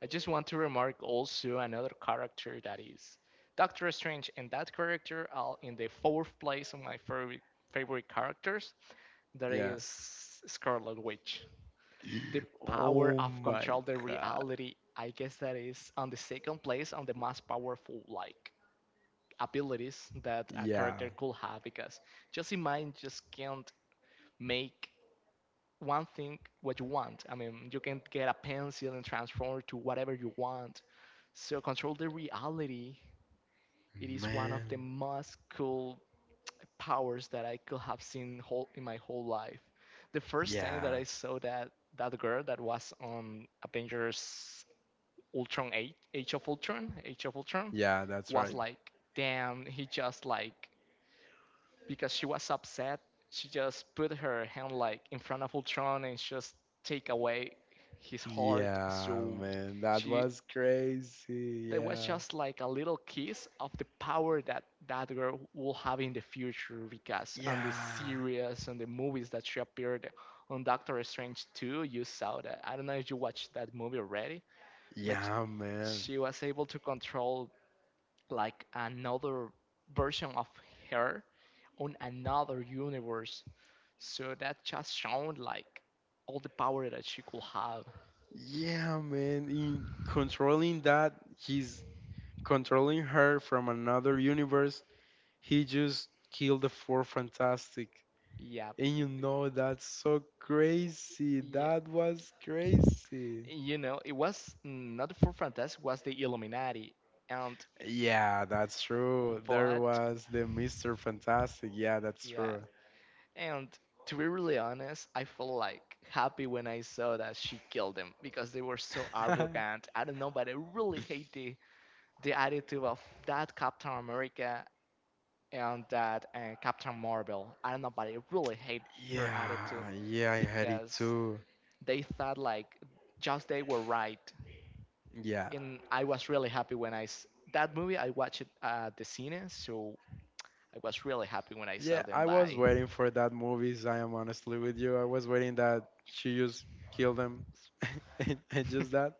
Speaker 2: I just want to remark also another character that is Doctor Strange, and that character are in the fourth place of my favorite characters. That
Speaker 1: Yeah.
Speaker 2: is Scarlet Witch. The
Speaker 1: [GASPS]
Speaker 2: power
Speaker 1: Oh
Speaker 2: of
Speaker 1: my
Speaker 2: control the
Speaker 1: God.
Speaker 2: reality, I guess that is on the second place on the most powerful like abilities that a
Speaker 1: Yeah,
Speaker 2: character could have, because just in mind just can't make one thing what you want. I mean, you can get a pencil and transform to whatever you want. So control the reality, it is one of the
Speaker 1: man.
Speaker 2: most cool powers that I could have seen whole in my whole life. The first time that
Speaker 1: Yeah.
Speaker 2: I saw that girl that was on Avengers Ultron 8, Age of Ultron
Speaker 1: Yeah, that's
Speaker 2: was
Speaker 1: right.
Speaker 2: like, damn, he just like, because she was upset, she just put her hand like in front of Ultron and just take away his heart.
Speaker 1: Yeah,
Speaker 2: So
Speaker 1: man. That
Speaker 2: she,
Speaker 1: was crazy.
Speaker 2: there was
Speaker 1: Yeah.
Speaker 2: just like a little kiss of the power that that girl will have in the future, because on the
Speaker 1: Yeah.
Speaker 2: series and the movies that she appeared on Doctor Strange 2, you saw that. I don't know if you watched that movie already, but
Speaker 1: Yeah, man.
Speaker 2: she was able to control like another version of her on another universe. So that just showed like all the power that she could have.
Speaker 1: Yeah, man. In controlling that, he's controlling her from another universe. He just killed the Four Fantastic.
Speaker 2: Yeah,
Speaker 1: And you know, that's so crazy.
Speaker 2: yeah.
Speaker 1: That was crazy.
Speaker 2: You know, it was not the Four Fantastic, it was the Illuminati, and
Speaker 1: Yeah, that's true. There
Speaker 2: but
Speaker 1: was the Mr. Fantastic. Yeah, that's
Speaker 2: yeah,
Speaker 1: true.
Speaker 2: and to be really honest, I felt like happy when I saw that she killed them because they were so
Speaker 1: [LAUGHS] Yeah,
Speaker 2: arrogant. I don't know, but I really hate the attitude of that Captain America and that Captain Marvel. I don't know, but I really hate her attitude
Speaker 1: yeah, I had it
Speaker 2: because
Speaker 1: too.
Speaker 2: they thought like just they were right,
Speaker 1: Yeah.
Speaker 2: and I was really happy when I s- that movie. I watched it at the cine, so I was really happy when I saw
Speaker 1: Yeah,
Speaker 2: them
Speaker 1: I was
Speaker 2: die.
Speaker 1: waiting for that movies. I am, honestly, with you. I was waiting that she just killed them, [LAUGHS] and just that,
Speaker 2: [LAUGHS]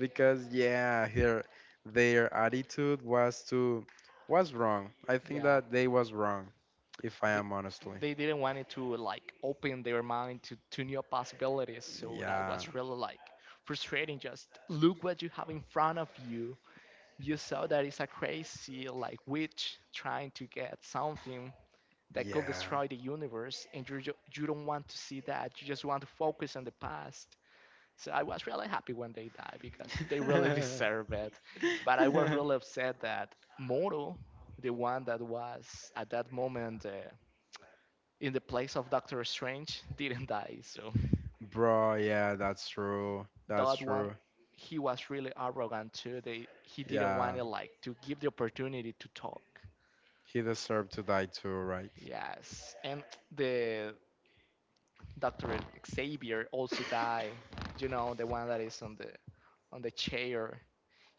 Speaker 1: because yeah, her, their attitude was to was wrong. I think
Speaker 2: Yeah,
Speaker 1: that they was wrong, if I
Speaker 2: they,
Speaker 1: am honestly.
Speaker 2: they didn't want it to like open their mind to new possibilities, so that
Speaker 1: Yeah,
Speaker 2: was really like frustrating. Just look what you have in front of you. You saw that it's a crazy like witch trying to get something that could
Speaker 1: yeah.
Speaker 2: destroy the universe, and you don't want to see that. You just want to focus on the past. So I was really happy when they died because they really [LAUGHS] deserve it. But I was really
Speaker 1: [LAUGHS]
Speaker 2: upset that Moro, the one that was at that moment in the place of Doctor Strange, [LAUGHS] didn't die. So
Speaker 1: Bro, yeah, that's true. That's
Speaker 2: that one,
Speaker 1: true.
Speaker 2: he was really arrogant too. They he didn't want
Speaker 1: Yeah,
Speaker 2: it like to give the opportunity to talk.
Speaker 1: he deserved to die too, right?
Speaker 2: Yes, and the Doctor Xavier also die. You know, the one that is on the chair.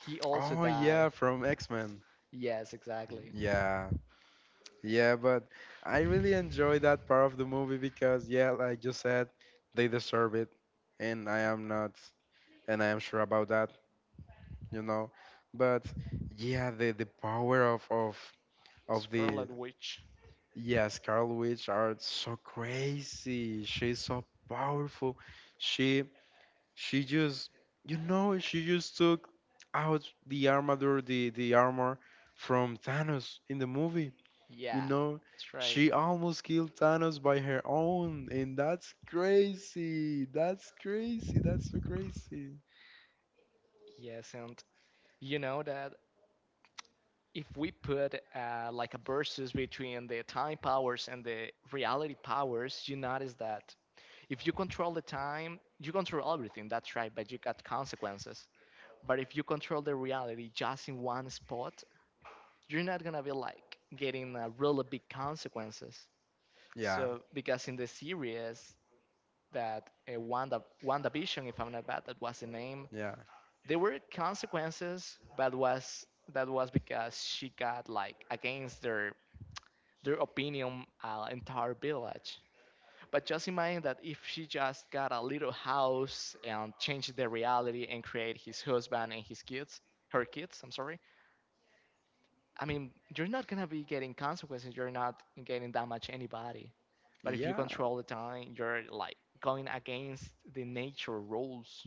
Speaker 2: He also
Speaker 1: Oh
Speaker 2: die.
Speaker 1: yeah, from X-Men.
Speaker 2: Yes, exactly.
Speaker 1: Yeah. Yeah, but I really enjoy that part of the movie, because yeah, like you said, they deserve it, and I am not, and I am sure about that, you know. But yeah, the power of the
Speaker 2: Scarlet Witch.
Speaker 1: yeah, Scarlet Witch are so crazy. She's so powerful. She she just, you know, she just took out the armor, the armor from Thanos in the movie. You
Speaker 2: Yeah,
Speaker 1: know,
Speaker 2: that's right.
Speaker 1: she almost killed Thanos by her own, and that's crazy. That's crazy. That's so crazy.
Speaker 2: Yes, and you know that if we put like a versus between the time powers and the reality powers, you notice that if you control the time, you control everything. That's right, but you got consequences. But if you control the reality just in one spot, you're not gonna be like getting really big consequences.
Speaker 1: Yeah,
Speaker 2: So because in the series that Wanda WandaVision, if I'm not bad, that was the name.
Speaker 1: yeah,
Speaker 2: There were consequences, but was that was because she got like against their opinion, entire village. But just imagine that if she just got a little house and changed the reality and create his husband and his kids, her kids, I'm sorry, I mean, you're not gonna be getting consequences. You're not getting that much anybody. But if you
Speaker 1: yeah,
Speaker 2: control the time, you're like going against the nature rules.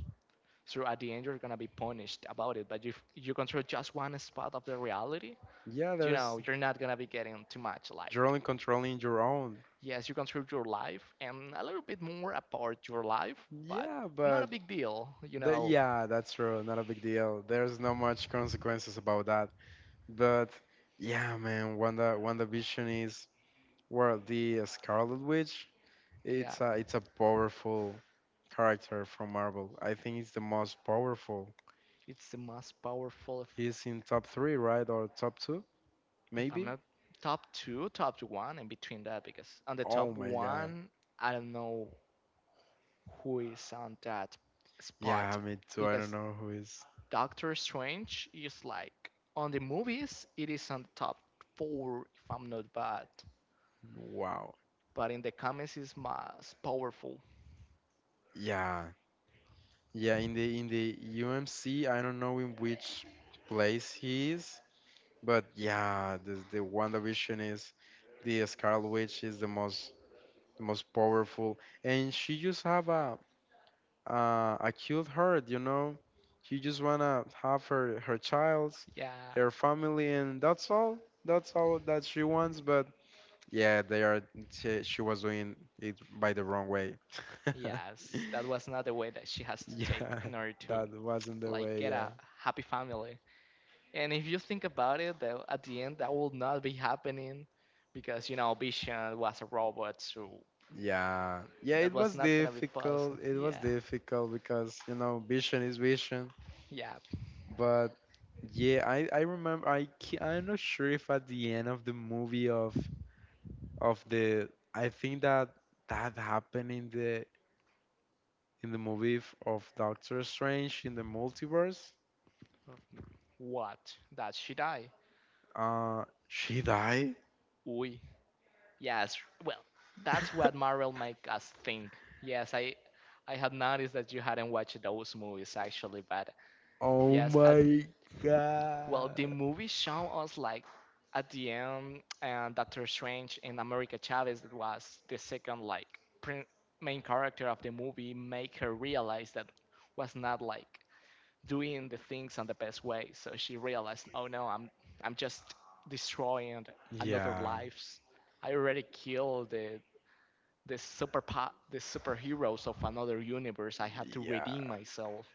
Speaker 2: So at the end, you're gonna be punished about it. But if you control just one spot of the reality,
Speaker 1: yeah.
Speaker 2: you
Speaker 1: There's,
Speaker 2: know, you're not gonna be getting too much.
Speaker 1: you're
Speaker 2: Like,
Speaker 1: only controlling your own.
Speaker 2: yes, you control your life and a little bit more apart your life, but
Speaker 1: Yeah,
Speaker 2: not
Speaker 1: but
Speaker 2: a big deal. You
Speaker 1: the,
Speaker 2: know,
Speaker 1: yeah, that's true. Not a big deal. There's not much consequences about that. But yeah, man, Wanda, Wanda Vision is, well, the Scarlet Witch.
Speaker 2: yeah,
Speaker 1: It's a, it's a powerful character from Marvel. I think it's the most powerful.
Speaker 2: it's the most powerful,
Speaker 1: He's in top three, right? Or top two,
Speaker 2: if I'm
Speaker 1: maybe?
Speaker 2: not top two, top one, and between that, because on the
Speaker 1: Oh
Speaker 2: top
Speaker 1: my God.
Speaker 2: one, I don't know who is on that spot,
Speaker 1: Yeah, me too. I don't
Speaker 2: because
Speaker 1: know who is.
Speaker 2: Doctor Strange is like on the movies, it is on the top four, if I'm not bad,
Speaker 1: Wow.
Speaker 2: but in the comics, is most powerful.
Speaker 1: Yeah. Yeah, in the UMC, I don't know in which place he is, but yeah, the WandaVision is the Scarlet Witch, is the most, the most powerful, and she just have a cute heart, you know. She just wanna have her childs,
Speaker 2: Yeah,
Speaker 1: her family, and that's all. That's all that she wants, but yeah, they are. She was doing it by the wrong way. [LAUGHS]
Speaker 2: yes, that was another way that she has to take
Speaker 1: Yeah,
Speaker 2: in order to
Speaker 1: that wasn't the
Speaker 2: like
Speaker 1: way.
Speaker 2: get
Speaker 1: Yeah,
Speaker 2: a happy family. And if you think about it, that at the end that will not be happening because you know Vision was a robot, so
Speaker 1: yeah, yeah.
Speaker 2: that
Speaker 1: It
Speaker 2: was
Speaker 1: was
Speaker 2: not gonna be possible.
Speaker 1: difficult. It was
Speaker 2: Yeah,
Speaker 1: difficult, because you know, Vision is Vision.
Speaker 2: yeah.
Speaker 1: But yeah, I remember. I I'm not sure if at the end of the movie of the I think that that happened in the movie of Doctor Strange in the Multiverse.
Speaker 2: What? That she die?
Speaker 1: She died.
Speaker 2: We. Yes. Well, that's what
Speaker 1: [LAUGHS]
Speaker 2: Marvel make us think. Yes, I had noticed that you hadn't watched those movies actually, but
Speaker 1: Oh
Speaker 2: yes, I
Speaker 1: my
Speaker 2: well, the
Speaker 1: God.
Speaker 2: movie show us like at the end, and Doctor Strange and America Chavez, that was the second like prin- main character of the movie, make her realize that was not like doing the things on the best way. So she realized, oh no, I'm just destroying another
Speaker 1: Yeah.
Speaker 2: lives. I already killed the the superheroes of another universe. I have to
Speaker 1: Yeah.
Speaker 2: redeem myself.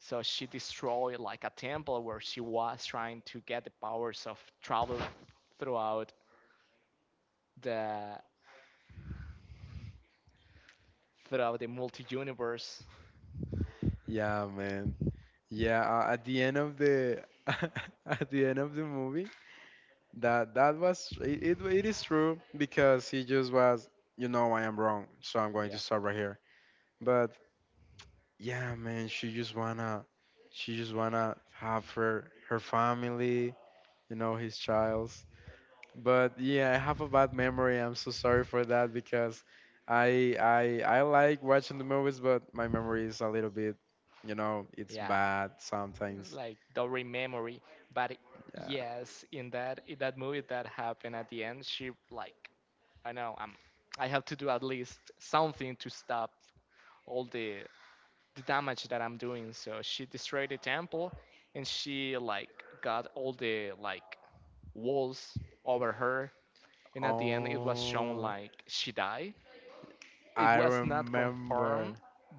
Speaker 2: So she destroyed like a temple where she was trying to get the powers of travel throughout the multi universe.
Speaker 1: Yeah, man. Yeah, at the end of the [LAUGHS] at the end of the movie, that that was, it is true, because he just was, you know, I am wrong, so I'm going to
Speaker 2: Yeah,
Speaker 1: stop right here. But yeah, man, she just wanna have her family, you know, his childs. But yeah, I have a bad memory. I'm so sorry for that, because I like watching the movies, but my memory is a little bit, you know, it's
Speaker 2: yeah,
Speaker 1: bad sometimes.
Speaker 2: like don't memory. But
Speaker 1: Yeah.
Speaker 2: yes, in that movie that happened at the end, she like I know I have to do at least something to stop all the damage that I'm doing. So she destroyed the temple, and she like got all the like walls over her, and at the end it was shown
Speaker 1: Oh,
Speaker 2: like she died. It
Speaker 1: I
Speaker 2: was not
Speaker 1: remember.
Speaker 2: confirmed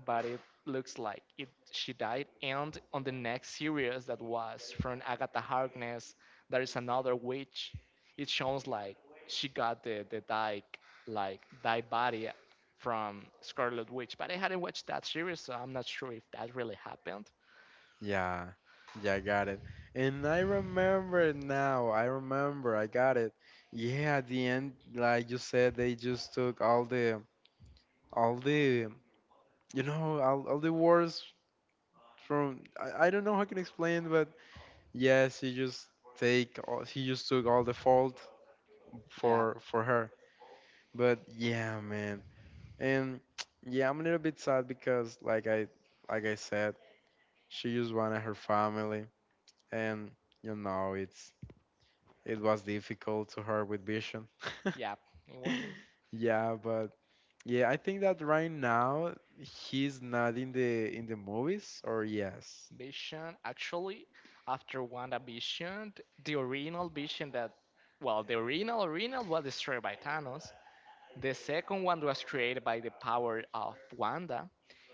Speaker 2: but it looks like it she died. And on the next series that was from Agatha Harkness, there is another witch. It shows like she got the die like die body from Scarlet Witch, but I hadn't watched that series, so I'm not sure if that really happened.
Speaker 1: Yeah. Yeah, I got it. And I remember it now. I remember. I got it. Yeah, at the end, like you said, they just took all the all the you know, all the words from, I don't know how I can explain. Yes, he just take all, he just took all the fault
Speaker 2: Yeah,
Speaker 1: for her. But yeah, man. And [TSK] yeah, I'm a little bit sad, because like I said, she just wanted her family, and you know, it was difficult to her with Vision. [LAUGHS]
Speaker 2: yeah, it was
Speaker 1: Yeah, but yeah, I think that right now he's not in the movies, or yes.
Speaker 2: Vision. Actually, after WandaVision, the original Vision that, well, the original was destroyed by Thanos. The second one was created by the power of Wanda,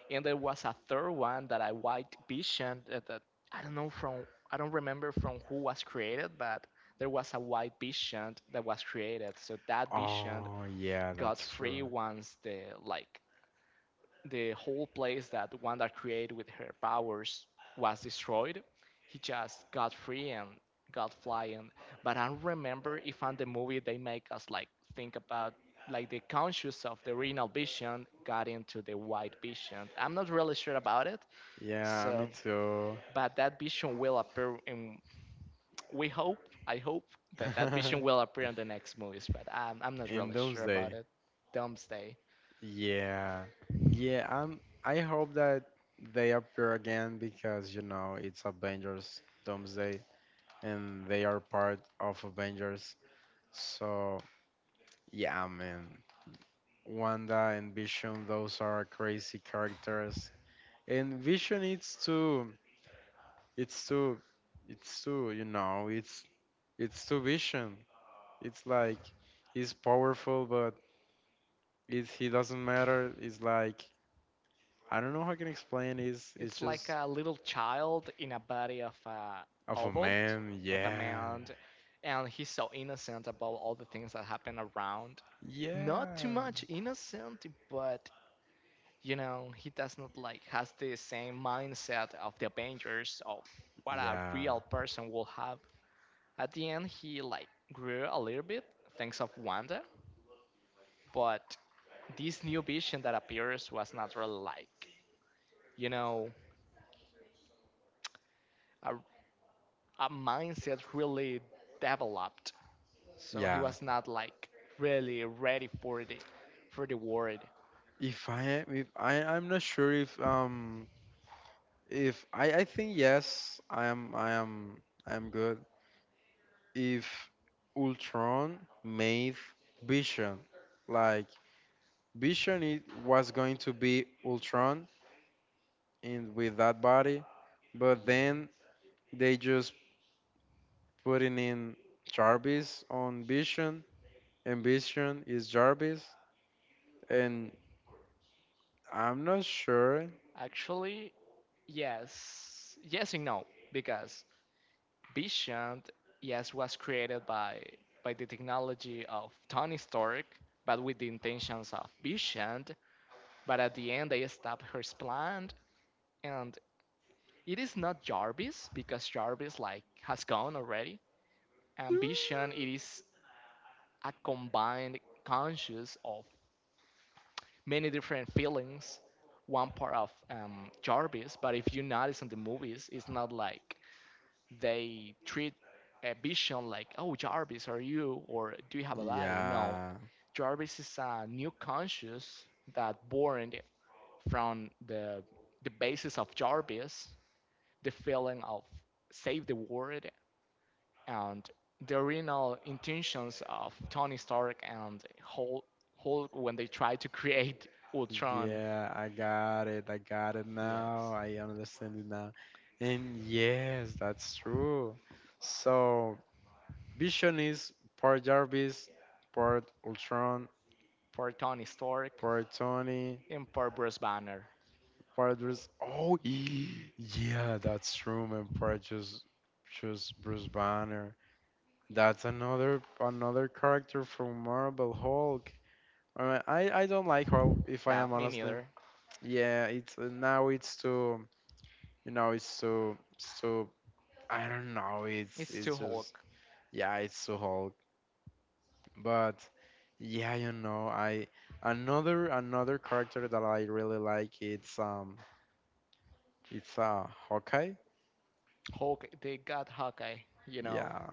Speaker 2: and there was a third one, that a white Vision that, that I don't know from I don't remember from who was created, but there was a white Vision that was created. So that Vision
Speaker 1: Oh, yeah,
Speaker 2: got
Speaker 1: that's true.
Speaker 2: free once the like the whole place that Wanda created with her powers was destroyed. He just got free and got flying. But I don't remember if on the movie they make us like think about like the conscious of the original vision got into the white vision. I'm not really sure about it.
Speaker 1: Yeah, me
Speaker 2: So,
Speaker 1: too.
Speaker 2: but that vision will appear in. We hope, I hope that that vision
Speaker 1: [LAUGHS]
Speaker 2: will appear in the next movies. But I'm not
Speaker 1: In
Speaker 2: really
Speaker 1: those
Speaker 2: sure
Speaker 1: days.
Speaker 2: about it. Domesday.
Speaker 1: Yeah, yeah. I hope that they appear again, because you know, it's Avengers Doomsday, and they are part of Avengers. So yeah, man. Wanda and Vision, those are crazy characters. And Vision, it's too, it's too. You know, it's too Vision. It's like he's powerful, but it, he doesn't matter. It's like, I don't know how I can explain. It's
Speaker 2: It's like
Speaker 1: just
Speaker 2: a little child in a body of a
Speaker 1: of a
Speaker 2: adult,
Speaker 1: man.
Speaker 2: of a
Speaker 1: Yeah,
Speaker 2: man, and he's so innocent about all the things that happen around. Not too
Speaker 1: yeah,
Speaker 2: much innocent, but he does not like has the same mindset of the Avengers of what a
Speaker 1: yeah,
Speaker 2: real person will have. At the end, he like grew a little bit thanks of Wanda, but this new vision that appears was not really like you know a mindset really developed. So he
Speaker 1: yeah.
Speaker 2: was not like really ready for the world.
Speaker 1: If I am, if I'm not sure if I think yes, I am good. If Ultron made Vision, like Vision, it was going to be Ultron in with that body, but
Speaker 2: Yeah.
Speaker 1: then they just putting in Jarvis on Vision. Ambition is Jarvis, and I'm not sure.
Speaker 2: Actually, yes, yes and no, because Vision, yes, was created by the technology of Tony Stark, but with the intentions of Vision. But at the end, they stop his plan, and it is not Jarvis because Jarvis like has gone already. And Vision, it is a combined conscious of many different feelings. One part of Jarvis, but if you notice in the movies, it's not like they treat a vision like, oh, Jarvis, are you, or do you have a body? No,
Speaker 1: Yeah,
Speaker 2: Jarvis is a new conscious that born from the basis of Jarvis, the feeling of save the world and the original intentions of Tony Stark and Hulk, Hulk when they tried to create [LAUGHS] Ultron.
Speaker 1: yeah, I got it. I got it now.
Speaker 2: Yes,
Speaker 1: I understand it now. And yes, that's true. So, Vision is part Jarvis, part Ultron,
Speaker 2: for Tony Stark
Speaker 1: part Tony,
Speaker 2: and for Bruce Banner.
Speaker 1: part Bruce. Oh, [GASPS] yeah, that's true, man. Part just Bruce Banner. That's another character from Marvel, Hulk. Alright, I don't like her, if I
Speaker 2: No,
Speaker 1: am
Speaker 2: me
Speaker 1: honestly.
Speaker 2: neither.
Speaker 1: Yeah, it's, now it's too, you know, it's too, I don't know, it's
Speaker 2: It's too
Speaker 1: it's just,
Speaker 2: Hulk.
Speaker 1: yeah, it's too Hulk. But yeah, you know, I, another character that I really like, it's Hawkeye.
Speaker 2: Hulk, they got Hawkeye. You know,
Speaker 1: Yeah.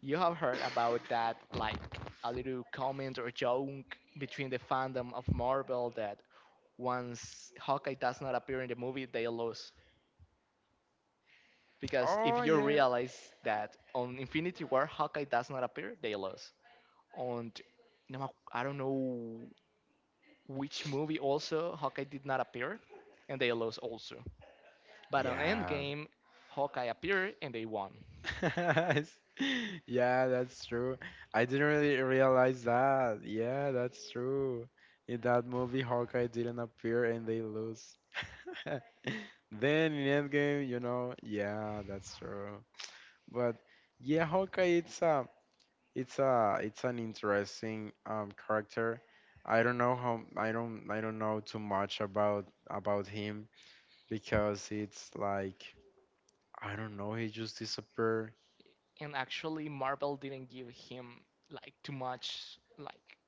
Speaker 2: you have heard about that, like a little comment or joke between the fandom of Marvel that once Hawkeye does not appear in the movie, they lose. Because if
Speaker 1: Oh
Speaker 2: you
Speaker 1: yeah.
Speaker 2: realize that on Infinity War Hawkeye does not appear, they lose. On I don't know which movie also Hawkeye did not appear, and they lost also. But on
Speaker 1: Yeah.
Speaker 2: Endgame, Hawkeye appeared and they won.
Speaker 1: [LAUGHS] Yeah, that's true. I didn't really realize that. Yeah, that's true. In that movie, Hawkeye didn't appear, and they lose. [LAUGHS] Then in Endgame, you know, yeah, that's true. But yeah, Hawkeye, it's an interesting character. I don't know how, I don't know too much about him, because it's like, I don't know, he just disappeared.
Speaker 2: And actually, Marvel didn't give him like too much like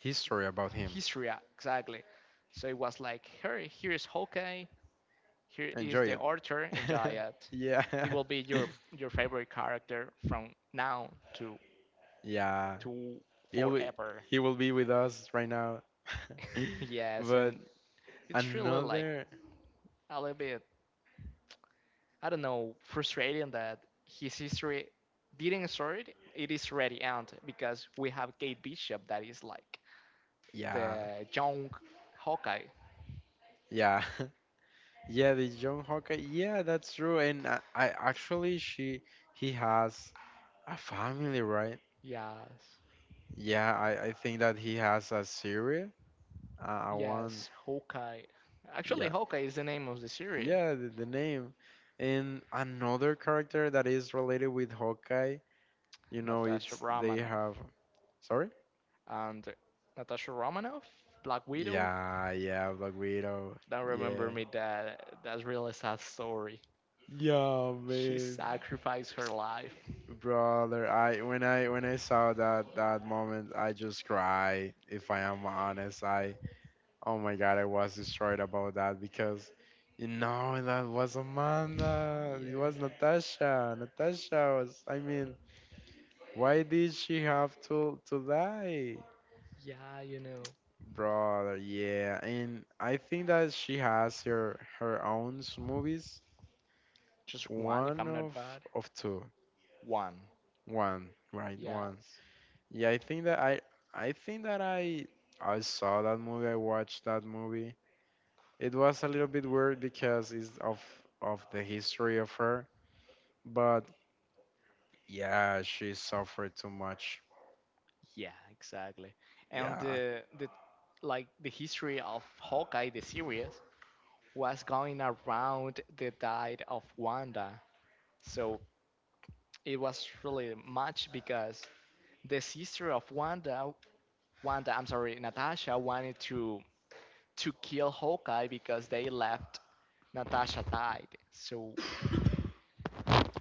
Speaker 1: History about him.
Speaker 2: history exactly. So it was like, here, here's Hawkeye, here is
Speaker 1: Enjoy
Speaker 2: the Archer, enjoy
Speaker 1: it.
Speaker 2: it.
Speaker 1: [LAUGHS] Yeah.
Speaker 2: He will be your favorite character from now
Speaker 1: [LAUGHS] Yeah.
Speaker 2: to
Speaker 1: He'll be,
Speaker 2: forever.
Speaker 1: he will be with us right now. [LAUGHS]
Speaker 2: [LAUGHS] yes,
Speaker 1: But
Speaker 2: and it's really like
Speaker 1: another,
Speaker 2: a little bit, I don't know, frustrating that his history didn't start. It is ready end because we have Kate Bishop that is like
Speaker 1: yeah.
Speaker 2: the young Hawkeye.
Speaker 1: Yeah. [LAUGHS] Yeah, the young Hawkeye. Yeah, that's true. And I actually she he has a family, right?
Speaker 2: Yes,
Speaker 1: Yeah, I think that he has a series. I want,
Speaker 2: yes, Hawkeye. Actually,
Speaker 1: yeah.
Speaker 2: Hawkeye is the name of the series.
Speaker 1: Yeah, the name. And another character that is related with Hawkeye, you know,
Speaker 2: Natasha
Speaker 1: it's they
Speaker 2: Romanoff
Speaker 1: have, sorry?
Speaker 2: and Natasha Romanoff, Black Widow.
Speaker 1: Yeah, yeah, Black Widow.
Speaker 2: Don't
Speaker 1: Yeah.
Speaker 2: remember me that. That's really sad story.
Speaker 1: Yeah,
Speaker 2: She
Speaker 1: man.
Speaker 2: sacrificed her life.
Speaker 1: Brother, I when I when I saw that moment, I just cry. If I am honest, I, oh my God, I was destroyed about that, because you know, that was Amanda. It was
Speaker 2: Yes.
Speaker 1: Natasha. Natasha was. I mean, why did she have to die?
Speaker 2: Yeah, you know.
Speaker 1: Brother, yeah, and I think that she has her own movies.
Speaker 2: Just one, if
Speaker 1: One
Speaker 2: I'm not
Speaker 1: of
Speaker 2: bad.
Speaker 1: of two.
Speaker 2: One.
Speaker 1: One, right, one.
Speaker 2: Yes.
Speaker 1: Yeah, I think that I think that I saw that movie, I watched that movie. It was a little bit weird, because it's of the history of her, but yeah, she suffered too much.
Speaker 2: Yeah, exactly. And
Speaker 1: Yeah.
Speaker 2: the the history of Hawkeye the series was going around the diet of Wanda. So it was really much because the sister of Wanda, I'm sorry, Natasha wanted to kill Hawkeye because they left Natasha died. So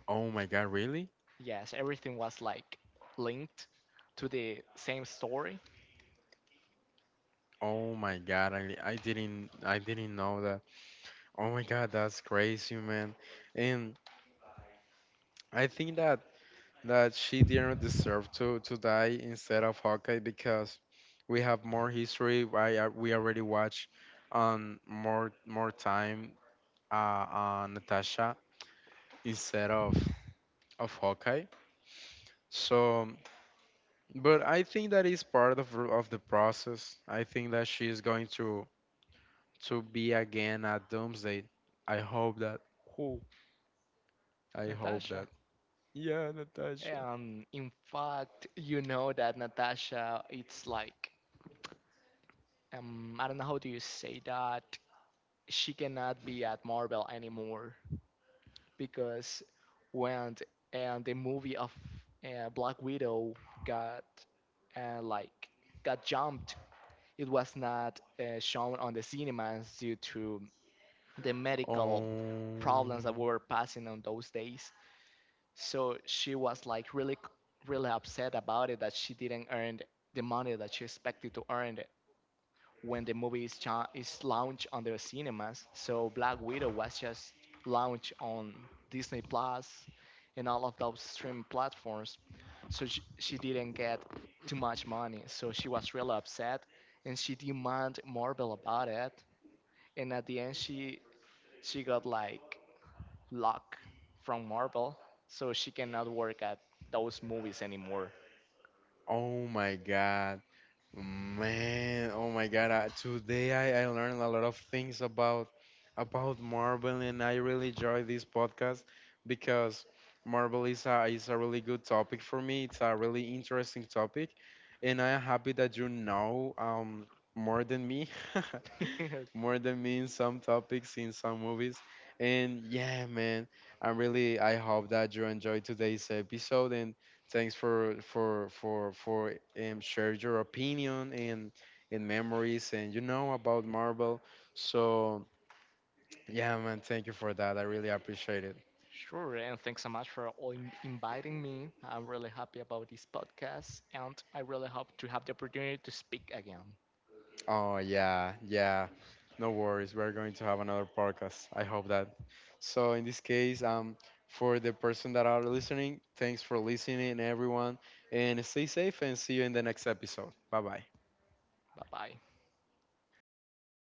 Speaker 1: Oh my God, really?
Speaker 2: yes, everything was like linked to the same story.
Speaker 1: Oh my God, I didn't know that. Oh my God, that's crazy, man. And I think that she didn't deserve to die instead of Hawkeye, because we have more history. I we already watched more time Natasha instead of Hawkeye. So, but I think that is part of the process. I think that she is going to be again at Doomsday. I hope that.
Speaker 2: Who?
Speaker 1: I hope
Speaker 2: Natasha.
Speaker 1: that. Yeah, Natasha.
Speaker 2: And in fact, you know that Natasha, it's like, I don't know how do you say that. She cannot be at Marvel anymore because when and the movie of Black Widow got like got jumped, it was not shown on the cinemas due to the medical
Speaker 1: Oh,
Speaker 2: problems that we were passing on those days. So she was like really, really upset about it that she didn't earn the money that she expected to earn it when the movie is, is launched on the cinemas. So Black Widow was just launched on Disney Plus and all of those streaming platforms. So she didn't get too much money. So she was really upset and she demanded Marvel about it. And at the end, she got like lock from Marvel, so she cannot work at those movies anymore.
Speaker 1: oh my God. Man, oh my God! Today I learned a lot of things about Marvel, and I really enjoy this podcast, because Marvel is a, is a really good topic for me. It's a really interesting topic, and I am happy that you know more than me, [LAUGHS]
Speaker 2: [LAUGHS] Okay.
Speaker 1: more than me in some topics, in some movies. And yeah, man, I really, I hope that you enjoyed today's episode, and thanks for share your opinion and memories, and you know, about Marvel. So yeah, man, thank you for that. I really appreciate it.
Speaker 2: Sure, and thanks so much for all inviting me. I'm really happy about this podcast, and I really hope to have the opportunity to speak again.
Speaker 1: Oh yeah, yeah. No worries. We're going to have another podcast. I hope that. So in this case, for the person that are listening, thanks for listening, everyone, and stay safe, and see you in the next episode. Bye bye.
Speaker 2: Bye bye.